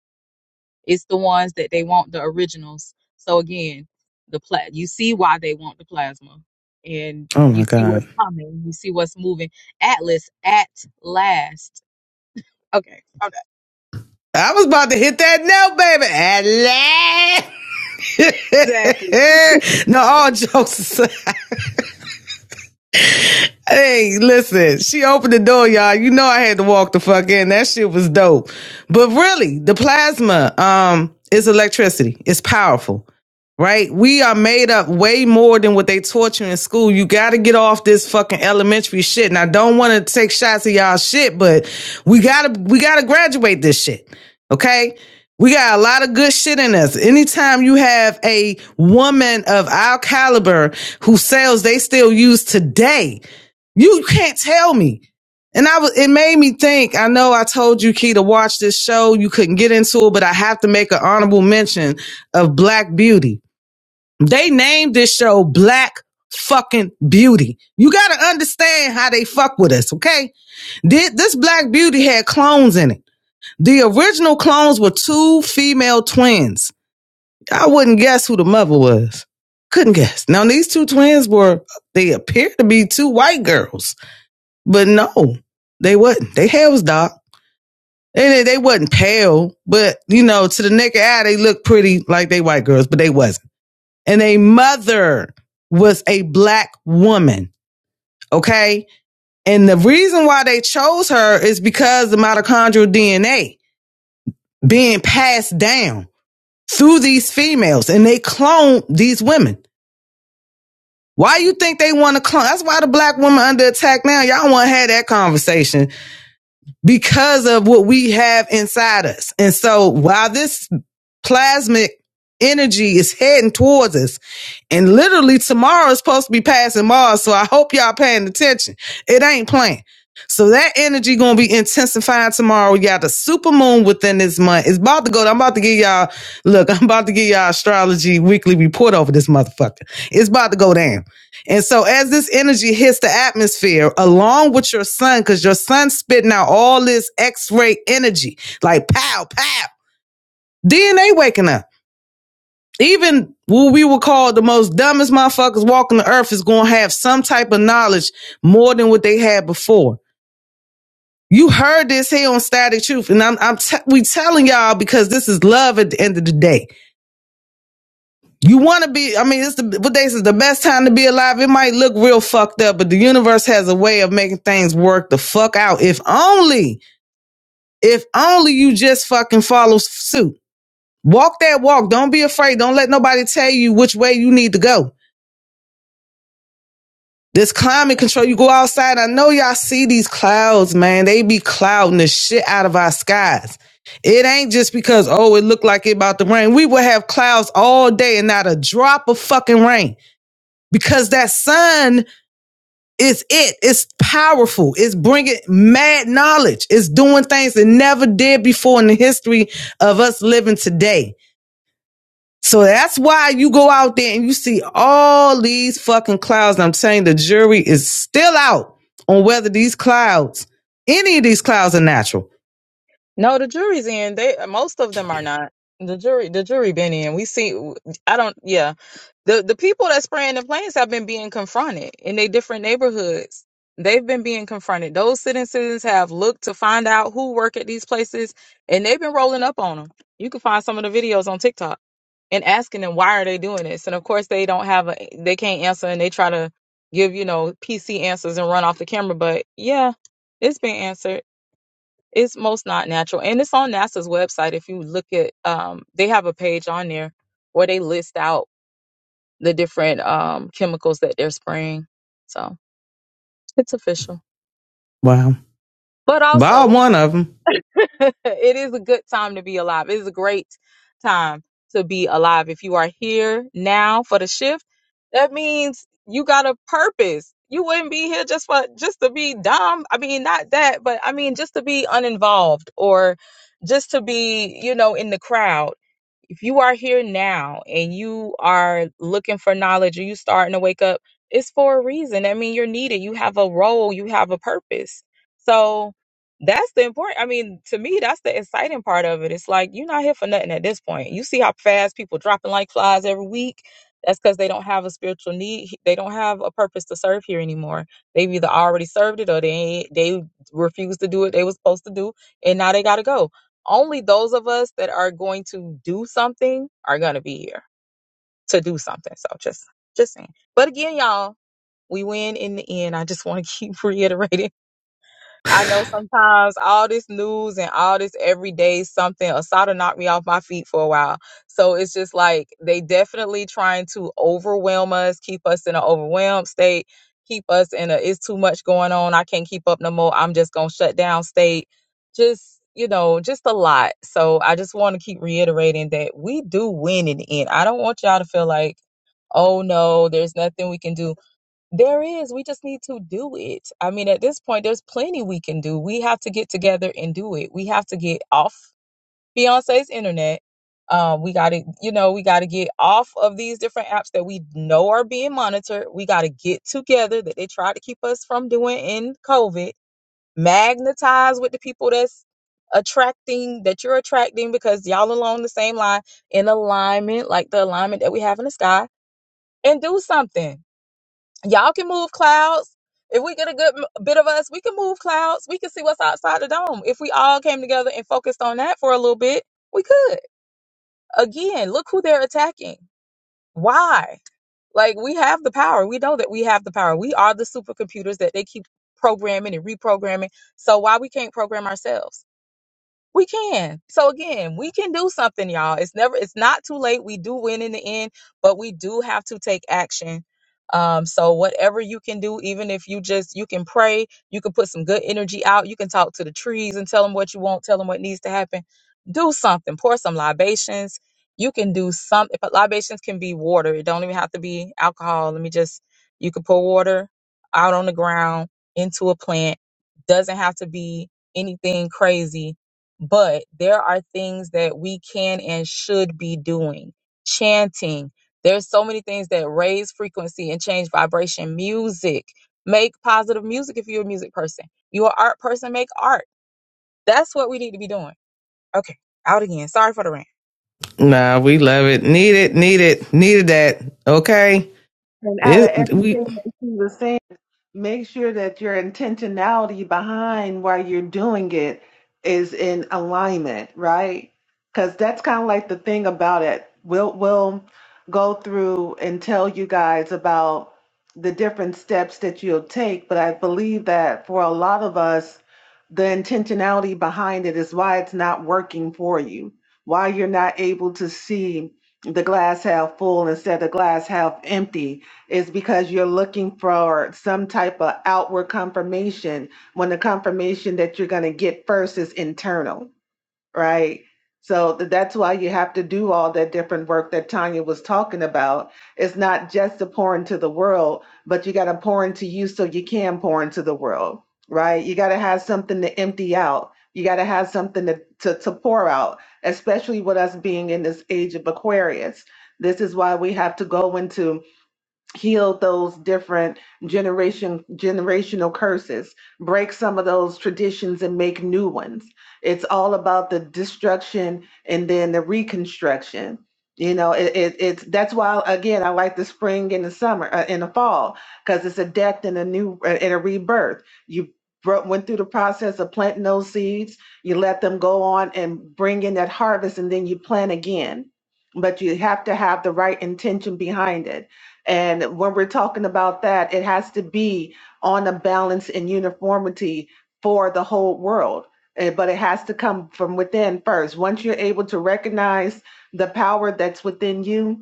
it's the ones that they want the originals so again the pla- you see why they want the plasma and
Oh my
you see what's
God.
coming you see what's moving atlas at last okay okay
I was about to hit that note, baby.
Exactly.
Hello. no, all jokes aside. Hey, listen, she opened the door, y'all. You know I had to walk the fuck in. That shit was dope. But really, the plasma um is electricity. It's powerful. right? We are made up way more than what they taught you in school. You got to get off this fucking elementary shit. And I don't want to take shots at y'all shit, but we gotta we gotta graduate this shit. Okay. We got a lot of good shit in us. Anytime you have a woman of our caliber who sells they still use today, you can't tell me. And I was, it made me think. I know I told you, Key, to watch this show. You couldn't get into it, but I have to make an honorable mention of Black Beauty they named this show Black Fucking Beauty. You gotta understand how they fuck with us, okay? Did this Black Beauty had clones in it? The original clones were two female twins. I wouldn't guess who the mother was. Couldn't guess. Now these two twins were they appeared to be two white girls, but no, they wasn't. They hair was dark. And they, they wasn't pale, but you know, to the naked eye, they looked pretty like they white girls, but they wasn't and a mother was a black woman. Okay. And the reason why they chose her is because the mitochondrial DNA being passed down through these females and they clone these women. Why you think they want to clone? That's why the black woman under attack now. Y'all want to have that conversation because of what we have inside us. And so while this plasmic energy is heading towards us, and literally tomorrow is supposed to be passing Mars, so I hope y'all paying attention. It ain't playing. So that energy gonna be intensifying tomorrow. We got the super moon within this month. It's about to go. I'm about to give y'all look. I'm about to give y'all astrology weekly report over this motherfucker. It's about to go down. And so as this energy hits the atmosphere along with your sun, because your sun's spitting out all this X-ray energy, like pow, pow, then they waking up. Even what we would call the most dumbest motherfuckers walking the earth is gonna have some type of knowledge more than what they had before. You heard this here on Static Truth, and I'm, I'm t- we telling y'all because this is love at the end of the day. You want to be, I mean, it's the, what they say, is the best time to be alive. It might look real fucked up, but the universe has a way of making things work the fuck out. If only, if only you just fucking follow suit. Walk that walk. Don't be afraid. Don't let nobody tell you which way you need to go. This climate control, you go outside. I know y'all see these clouds, man. They be clouding the shit out of our skies. It ain't just because, oh, it looked like it about to rain. We will have clouds all day and not a drop of fucking rain because that sun It's it. It's powerful. It's bringing mad knowledge. It's doing things that never did before in the history of us living today. So that's why you go out there and you see all these fucking clouds. And I'm saying the jury is still out on whether these clouds, any of these clouds are natural.
No, the jury's in. They most of them are not. The jury, the jury been in. We see. I don't. Yeah, the the people that spraying the planes have been being confronted in their different neighborhoods. They've been being confronted. Those citizens have looked to find out who work at these places, and they've been rolling up on them. You can find some of the videos on TikTok and asking them why are they doing this, and of course they don't have a they can't answer, and they try to give you know PC answers and run off the camera. But yeah, it's been answered. It's most not natural. And it's on NASA's website. If you look at, um, they have a page on there where they list out the different um, chemicals that they're spraying. So it's official.
Wow.
But
About
also,
one of them.
it is a good time to be alive. It is a great time to be alive. If you are here now for the shift, that means you got a purpose. You wouldn't be here just for just to be dumb. I mean, not that, but I mean just to be uninvolved or just to be, you know, in the crowd if you are here now and you are looking for knowledge or you starting to wake up, it's for a reason. I mean, you're needed. You have a role, you have a purpose. So that's the important. I mean, to me, that's the exciting part of it. It's like you're not here for nothing at this point. You see how fast people dropping like flies every week. That's because they don't have a spiritual need. They don't have a purpose to serve here anymore. They've either already served it or they they refused to do what They was supposed to do, and now they gotta go only those of us that are going to do something are going to be here to do something. So just just saying. But again, y'all, we win in the end. I just want to keep reiterating I know sometimes all this news and all this everyday something, Asada knocked me off my feet for a while. So it's just like they definitely trying to overwhelm us, keep us in an overwhelmed state, keep us in a it's too much going on. I can't keep up no more. I'm just gonna shut down state. Just you know, just a lot. So I just want to keep reiterating that we do win in the end. I don't want y'all to feel like, oh no, there's nothing we can do there is. We just need to do it. I mean, at this point, there's plenty we can do. We have to get together and do it. We have to get off Beyonce's internet. Um, we got to, you know, we got to get off of these different apps that we know are being monitored. We got to get together that they tried to keep us from doing in COVID. Magnetize with the people that's attracting, that you're attracting because y'all along the same line in alignment, like the alignment that we have in the sky, and do something Y'all can move clouds. If we get a good m- bit of us, we can move clouds. We can see what's outside the dome. If we all came together and focused on that for a little bit, we could. Again, look who they're attacking. Why? Like, we have the power. We know that we have the power. We are the supercomputers that they keep programming and reprogramming. So, why we can't program ourselves? We can. So again, we can do something, y'all. It's never it's not too late. We do win in the end, but we do have to take action. Um, so whatever you can do, even if you just you can pray, you can put some good energy out, you can talk to the trees and tell them what you want, tell them what needs to happen. Do something. Pour some libations. You can do something. But libations can be water. It don't even have to be alcohol. Let me just you can pour water out on the ground into a plant. Doesn't have to be anything crazy but there are things that we can and should be doing chanting there's so many things that raise frequency and change vibration music make positive music if you're a music person you're an art person make art that's what we need to be doing okay out again sorry for the rant
Nah, we love it. Need it, need it, needed that. Okay.
And out of everything
It, we
that she was saying, make sure that your intentionality behind why you're doing it is in alignment, right? Because that's kind of like the thing about it. We'll we'll go through and tell you guys about the different steps that you'll take, but I believe that for a lot of us, the intentionality behind it is why it's not working for you, why you're not able to see the glass half full instead of glass half empty is because you're looking for some type of outward confirmation when the confirmation that you're going to get first is internal, right? So th- that's why you have to do all that different work that Tanya was talking about. It's not just to pour into the world, but you got to pour into you so you can pour into the world, right? You got to have something to empty out. You got to have something to, to, to pour out, especially with us being in this age of Aquarius. This is why we have to go into heal those different generation generational curses break some of those traditions and make new ones it's all about the destruction and then the reconstruction you know it, it it's that's why again i like the spring and the summer uh, and the fall because it's a death and a new uh, and a rebirth you bro- went through the process of planting those seeds you let them go on and bring in that harvest and then you plant again but you have to have the right intention behind it and when we're talking about that, it has to be on a balance and uniformity for the whole world. Eh, But it has to come from within first. Once you're able to recognize the power that's within you,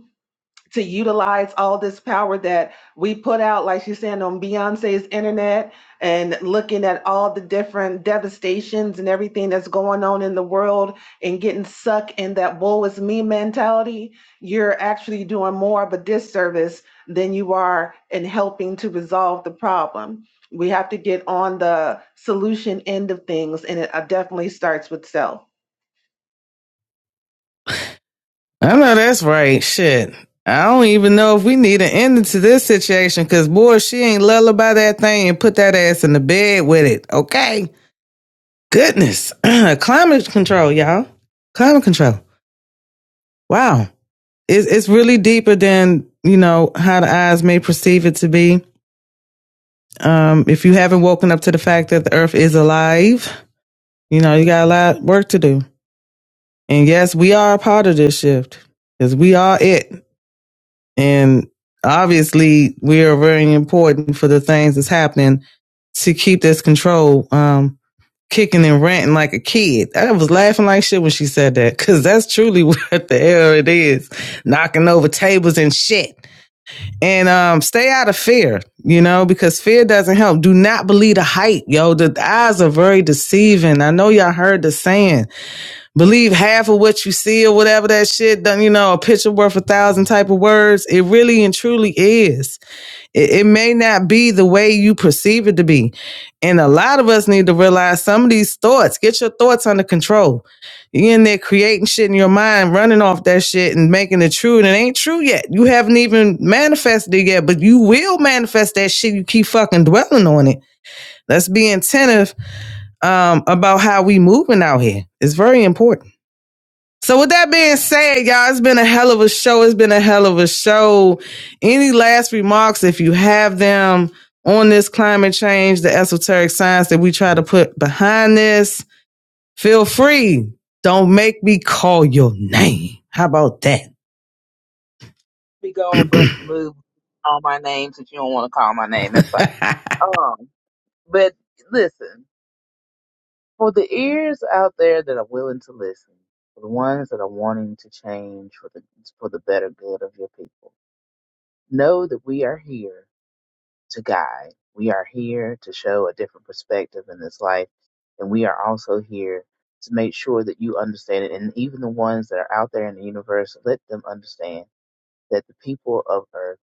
to utilize all this power that we put out, like she's saying on Beyonce's internet and looking at all the different devastations and everything that's going on in the world and getting sucked in that woe is me mentality, you're actually doing more of a disservice than you are in helping to resolve the problem. We have to get on the solution end of things, and it uh, definitely starts with self.
I know that's right. Shit. I don't even know if we need an ending to this situation because, boy, she ain't lullaby that thing and put that ass in the bed with it. Okay. Goodness. Climate control, y'all. Climate control. Wow. It's, it's really deeper than, you know, how the eyes may perceive it to be. Um, if you haven't woken up to the fact that the earth is alive, you know, you got a lot of work to do. And yes, we are a part of this shift because we are it. And obviously, we are very important for the things that's happening to keep this control um, kicking and ranting like a kid. I was laughing like shit when she said that because that's truly what the hell it is knocking over tables and shit. And um, stay out of fear, you know, because fear doesn't help. Do not believe the hype, yo. The eyes are very deceiving. I know y'all heard the saying believe half of what you see or whatever that shit done you know a picture worth a thousand type of words it really and truly is it, it may not be the way you perceive it to be and a lot of us need to realize some of these thoughts get your thoughts under control you are in there creating shit in your mind running off that shit and making it true and it ain't true yet you haven't even manifested it yet but you will manifest that shit you keep fucking dwelling on it let's be attentive um, about how we moving out here it's very important so with that being said, y'all, it's been a hell of a show. It's been a hell of a show. Any last remarks, if you have them, on this climate change, the esoteric science that we try to put behind this, feel free. Don't make me call your name. How about that?
be going bust a move, Call my name, since you don't want to call my name. That's fine. Um, But listen, for the ears out there that are willing to listen, for the ones that are wanting to change for the for the better good of your people, know that we are here to guide. We are here to show a different perspective in this life, and we are also here to make sure that you understand it. And even the ones that are out there in the universe, let them understand that the people of Earth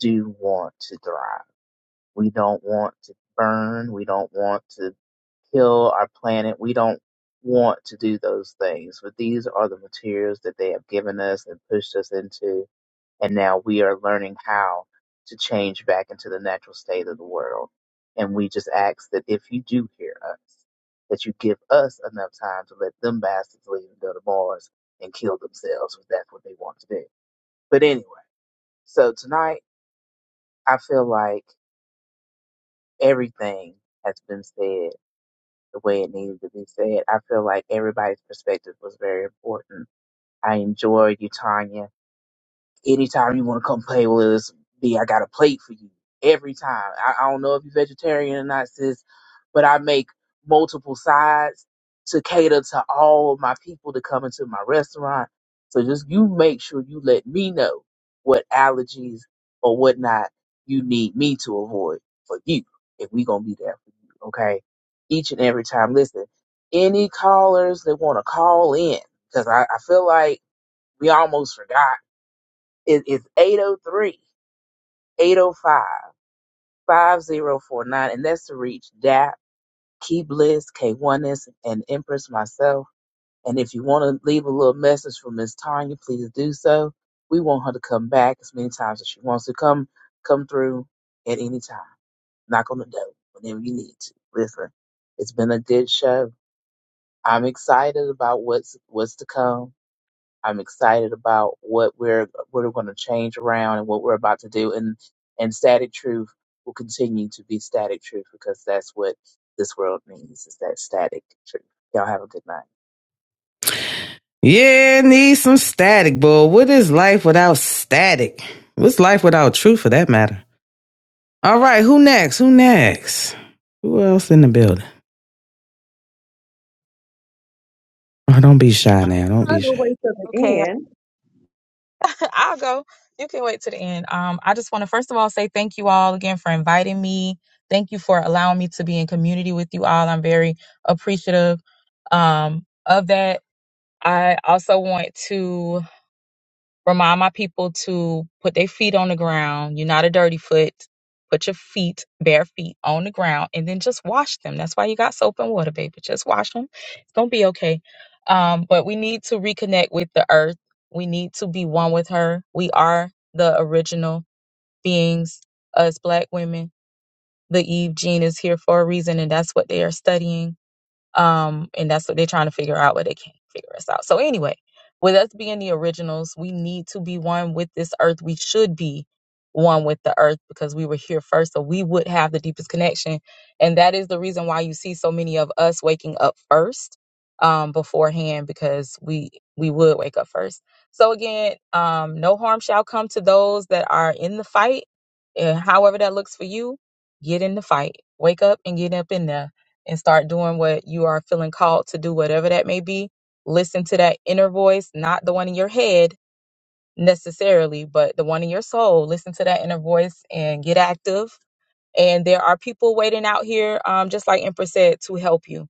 do want to thrive. We don't want to burn. We don't want to kill our planet. We don't want to do those things. But these are the materials that they have given us and pushed us into. And now we are learning how to change back into the natural state of the world. And we just ask that if you do hear us, that you give us enough time to let them bastards leave and go to Mars and kill themselves if that's what they want to do. But anyway, so tonight I feel like everything has been said the way it needed to be said. I feel like everybody's perspective was very important. I enjoyed you, Tanya. Anytime you want to come play with us, B, I got a plate for you. Every time. I, I don't know if you're vegetarian or not, sis, but I make multiple sides to cater to all of my people to come into my restaurant. So just you make sure you let me know what allergies or whatnot you need me to avoid for you if we gonna be there for you, okay? Each and every time. Listen, any callers that wanna call in, because I, I feel like we almost forgot it is zero five five zero four nine, and that's to reach DAP, Key Bliss, K1S, and Empress myself. And if you want to leave a little message for Miss Tanya, please do so. We want her to come back as many times as she wants to come come through at any time. Knock on the door whenever you need to. Listen, it's been a good show. I'm excited about what's what's to come I'm excited about what we're what we're going to change around and what we're about to do. And and static truth will continue to be static truth because that's what this world needs is that static truth. Y'all have a good night.
Yeah, need some static, boy. What is life without static? What's life without truth for that matter? All right, who next? Who next? Who else in the building? Oh, don't be shy
I was
now. Don't
trying
be
to
shy.
wait till the
okay
end.
i'll go you can wait to the end um i just want to first of all say thank you all again for inviting me thank you for allowing me to be in community with you all i'm very appreciative um of that I also want to remind my people to put their feet on the ground. You're not a dirty foot. Put your feet, bare feet, on the ground and then just wash them. That's why you got soap and water, baby. Just wash them. It's going to be okay. Um, but we need to reconnect with the earth. We need to be one with her. We are the original beings, us black women. The Eve gene is here for a reason, and that's what they are studying um and that's what they're trying to figure out but they can't figure us out so anyway with us being the originals we need to be one with this earth we should be one with the earth because we were here first so we would have the deepest connection and that is the reason why you see so many of us waking up first um beforehand because we we would wake up first so again um no harm shall come to those that are in the fight and however that looks for you get in the fight wake up and get up in there and start doing what you are feeling called to do, whatever that may be. Listen to that inner voice, not the one in your head necessarily, but the one in your soul. Listen to that inner voice and get active. And there are people waiting out here, um, just like Empress said, to help you.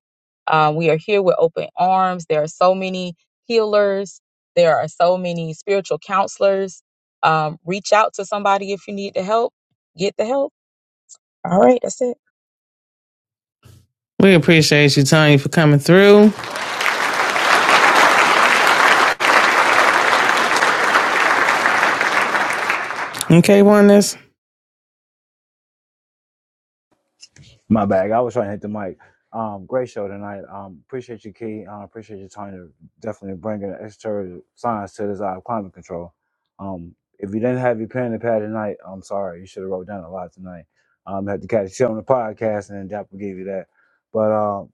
Um, we are here with open arms. There are so many healers. There are so many spiritual counselors. Um, reach out to somebody if you need the help. Get the help. All right, that's it.
We appreciate you, Tony, for coming through. Okay, oneness.
My bag. I was trying to hit the mic. Um, great show tonight. Um, appreciate you, Key. Um, appreciate you trying to definitely bring an extra science to this out climate control. Um, if you didn't have your pen and pad tonight, I'm sorry. You should have wrote down a lot tonight. Um, had to catch you on the podcast, and then Dap will give you that. But um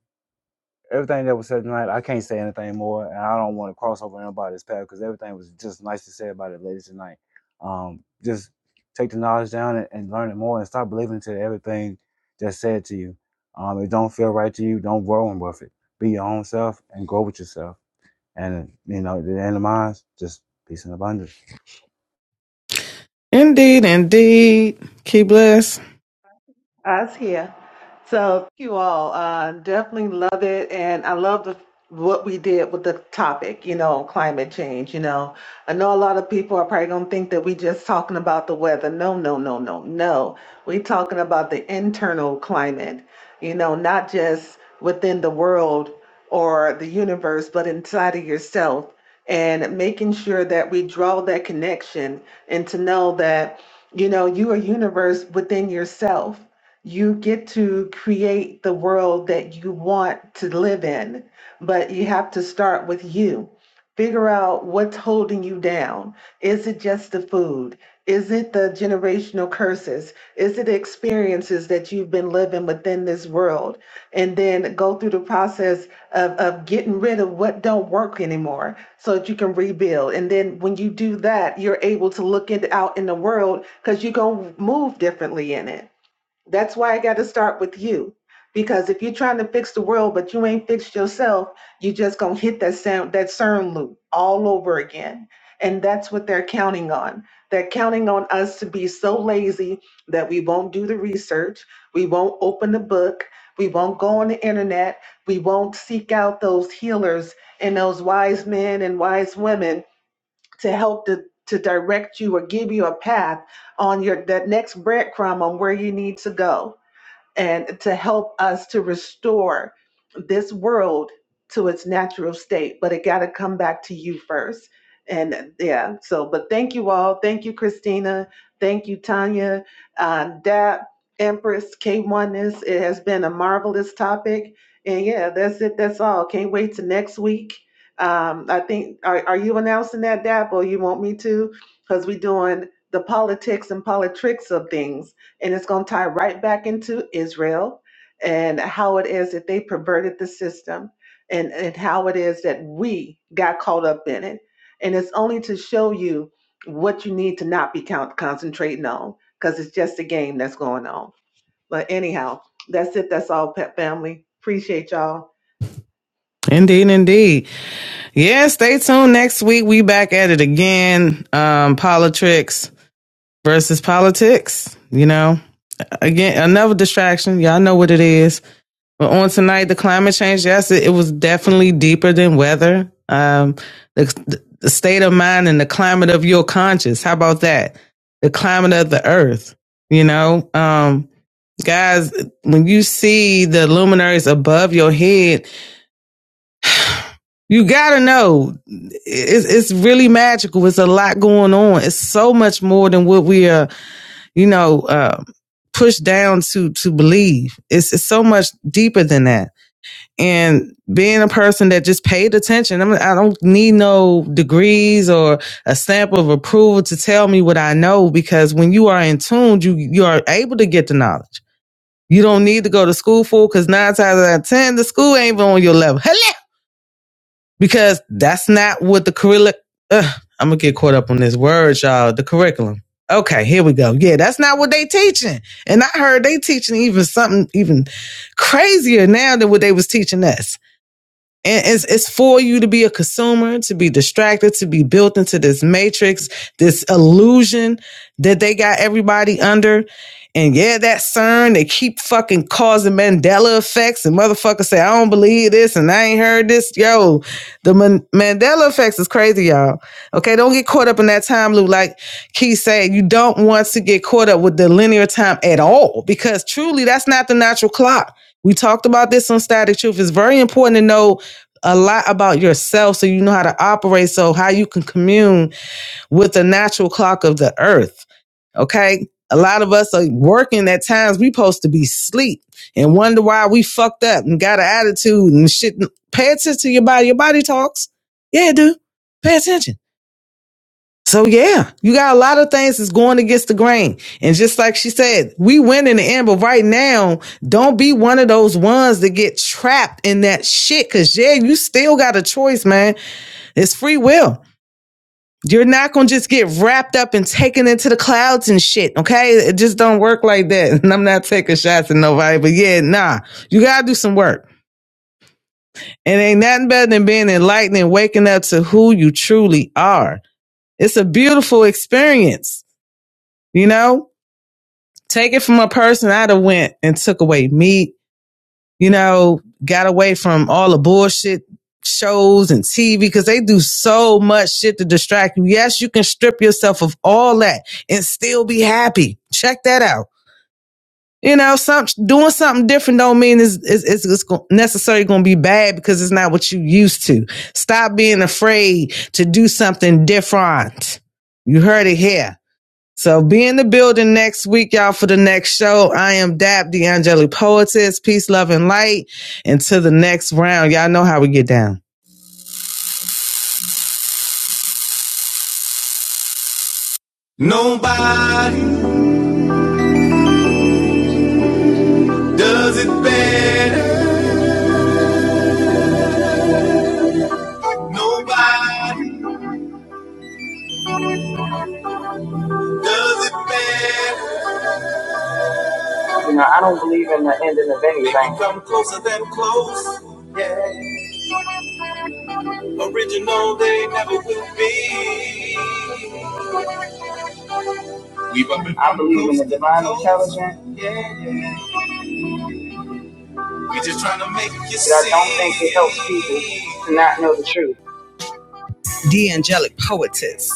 everything that was said tonight, I can't say anything more, and I don't want to cross over anybody's path because everything was just nice to say about it, ladies tonight. Um, just take the knowledge down and, and learn it more, and stop believing to everything that's said to you. Um, if it don't feel right to you, don't roll with it. Be your own self and grow with yourself. And you know, at the end of mine, just peace and abundance.
Indeed, indeed. Keep blessed.
I was here. So thank you all. Uh, definitely love it, and I love the what we did with the topic. You know, climate change. You know, I know a lot of people are probably gonna think that we just talking about the weather. No, no, no, no, no. We talking about the internal climate. You know, not just within the world or the universe, but inside of yourself, and making sure that we draw that connection and to know that you know you are universe within yourself you get to create the world that you want to live in, but you have to start with you. Figure out what's holding you down. Is it just the food? Is it the generational curses? Is it experiences that you've been living within this world? And then go through the process of, of getting rid of what don't work anymore so that you can rebuild. And then when you do that, you're able to look it out in the world because you're going to move differently in it that's why I got to start with you. Because if you're trying to fix the world, but you ain't fixed yourself, you just going to hit that sound, that CERN loop all over again. And that's what they're counting on. They're counting on us to be so lazy that we won't do the research. We won't open the book. We won't go on the internet. We won't seek out those healers and those wise men and wise women to help to, to direct you or give you a path on your that next breadcrumb on where you need to go and to help us to restore this world to its natural state. But it got to come back to you first. And uh, yeah, so, but thank you all. Thank you, Christina. Thank you, Tanya, uh, Dap, Empress, k one It has been a marvelous topic. And yeah, that's it. That's all. Can't wait to next week. Um, I think, are, are you announcing that, Dap, or you want me to? Because we're doing the politics and politics of things and it's going to tie right back into Israel and how it is that they perverted the system and, and how it is that we got caught up in it. And it's only to show you what you need to not be count, concentrating on because it's just a game that's going on. But anyhow, that's it. That's all, Pet Family. Appreciate y'all.
Indeed, indeed. Yeah, stay tuned. Next week we back at it again. Um, politics versus politics. You know, again, another distraction. Y'all know what it is. But on tonight, the climate change. Yes, it, it was definitely deeper than weather. Um, the, the state of mind and the climate of your conscience. How about that? The climate of the earth. You know, um, guys, when you see the luminaries above your head, you gotta know it's, it's really magical. It's a lot going on. It's so much more than what we are, you know, uh, pushed down to to believe. It's, it's so much deeper than that. And being a person that just paid attention, I, mean, I don't need no degrees or a stamp of approval to tell me what I know. Because when you are in tune, you you are able to get the knowledge. You don't need to go to school, fool, because nine times out of ten, the school ain't on your level. Hello? Because that's not what the curriculum. Ugh, I'm gonna get caught up on this word, y'all. The curriculum. Okay, here we go. Yeah, that's not what they teaching. And I heard they teaching even something even crazier now than what they was teaching us. And it's, it's for you to be a consumer, to be distracted, to be built into this matrix, this illusion that they got everybody under. And yeah, that CERN, they keep fucking causing Mandela effects and motherfuckers say, I don't believe this and I ain't heard this. Yo, the Man- Mandela effects is crazy, y'all. Okay, don't get caught up in that time loop. Like Keith said, you don't want to get caught up with the linear time at all because truly that's not the natural clock. We talked about this on Static Truth. It's very important to know a lot about yourself so you know how to operate so how you can commune with the natural clock of the earth okay a lot of us are working at times we supposed to be sleep and wonder why we fucked up and got an attitude and shit pay attention to your body your body talks yeah dude pay attention so yeah you got a lot of things that's going against the grain and just like she said we win in the end but right now don't be one of those ones that get trapped in that shit. Cause yeah, you still got a choice, man. It's free will. You're not gonna just get wrapped up and taken into the clouds and shit, okay? It just don't work like that. And I'm not taking shots at nobody, but yeah, nah. You gotta do some work. And ain't nothing better than being enlightened and waking up to who you truly are. It's a beautiful experience, you know? Take it from a person I'd have went and took away meat, you know, got away from all the bullshit shows and TV because they do so much shit to distract you. Yes, you can strip yourself of all that and still be happy. Check that out. You know, some doing something different don't mean it's it's, it's, it's necessarily going to be bad because it's not what you used to. Stop being afraid to do something different. You heard it here. So be in the building next week, y'all, for the next show. I am Dap the Angelic Poetess. Peace, love, and light. And to the next round, y'all know how we get down. I believe in the divine intelligence to not know the truth. The Angelic Poetess.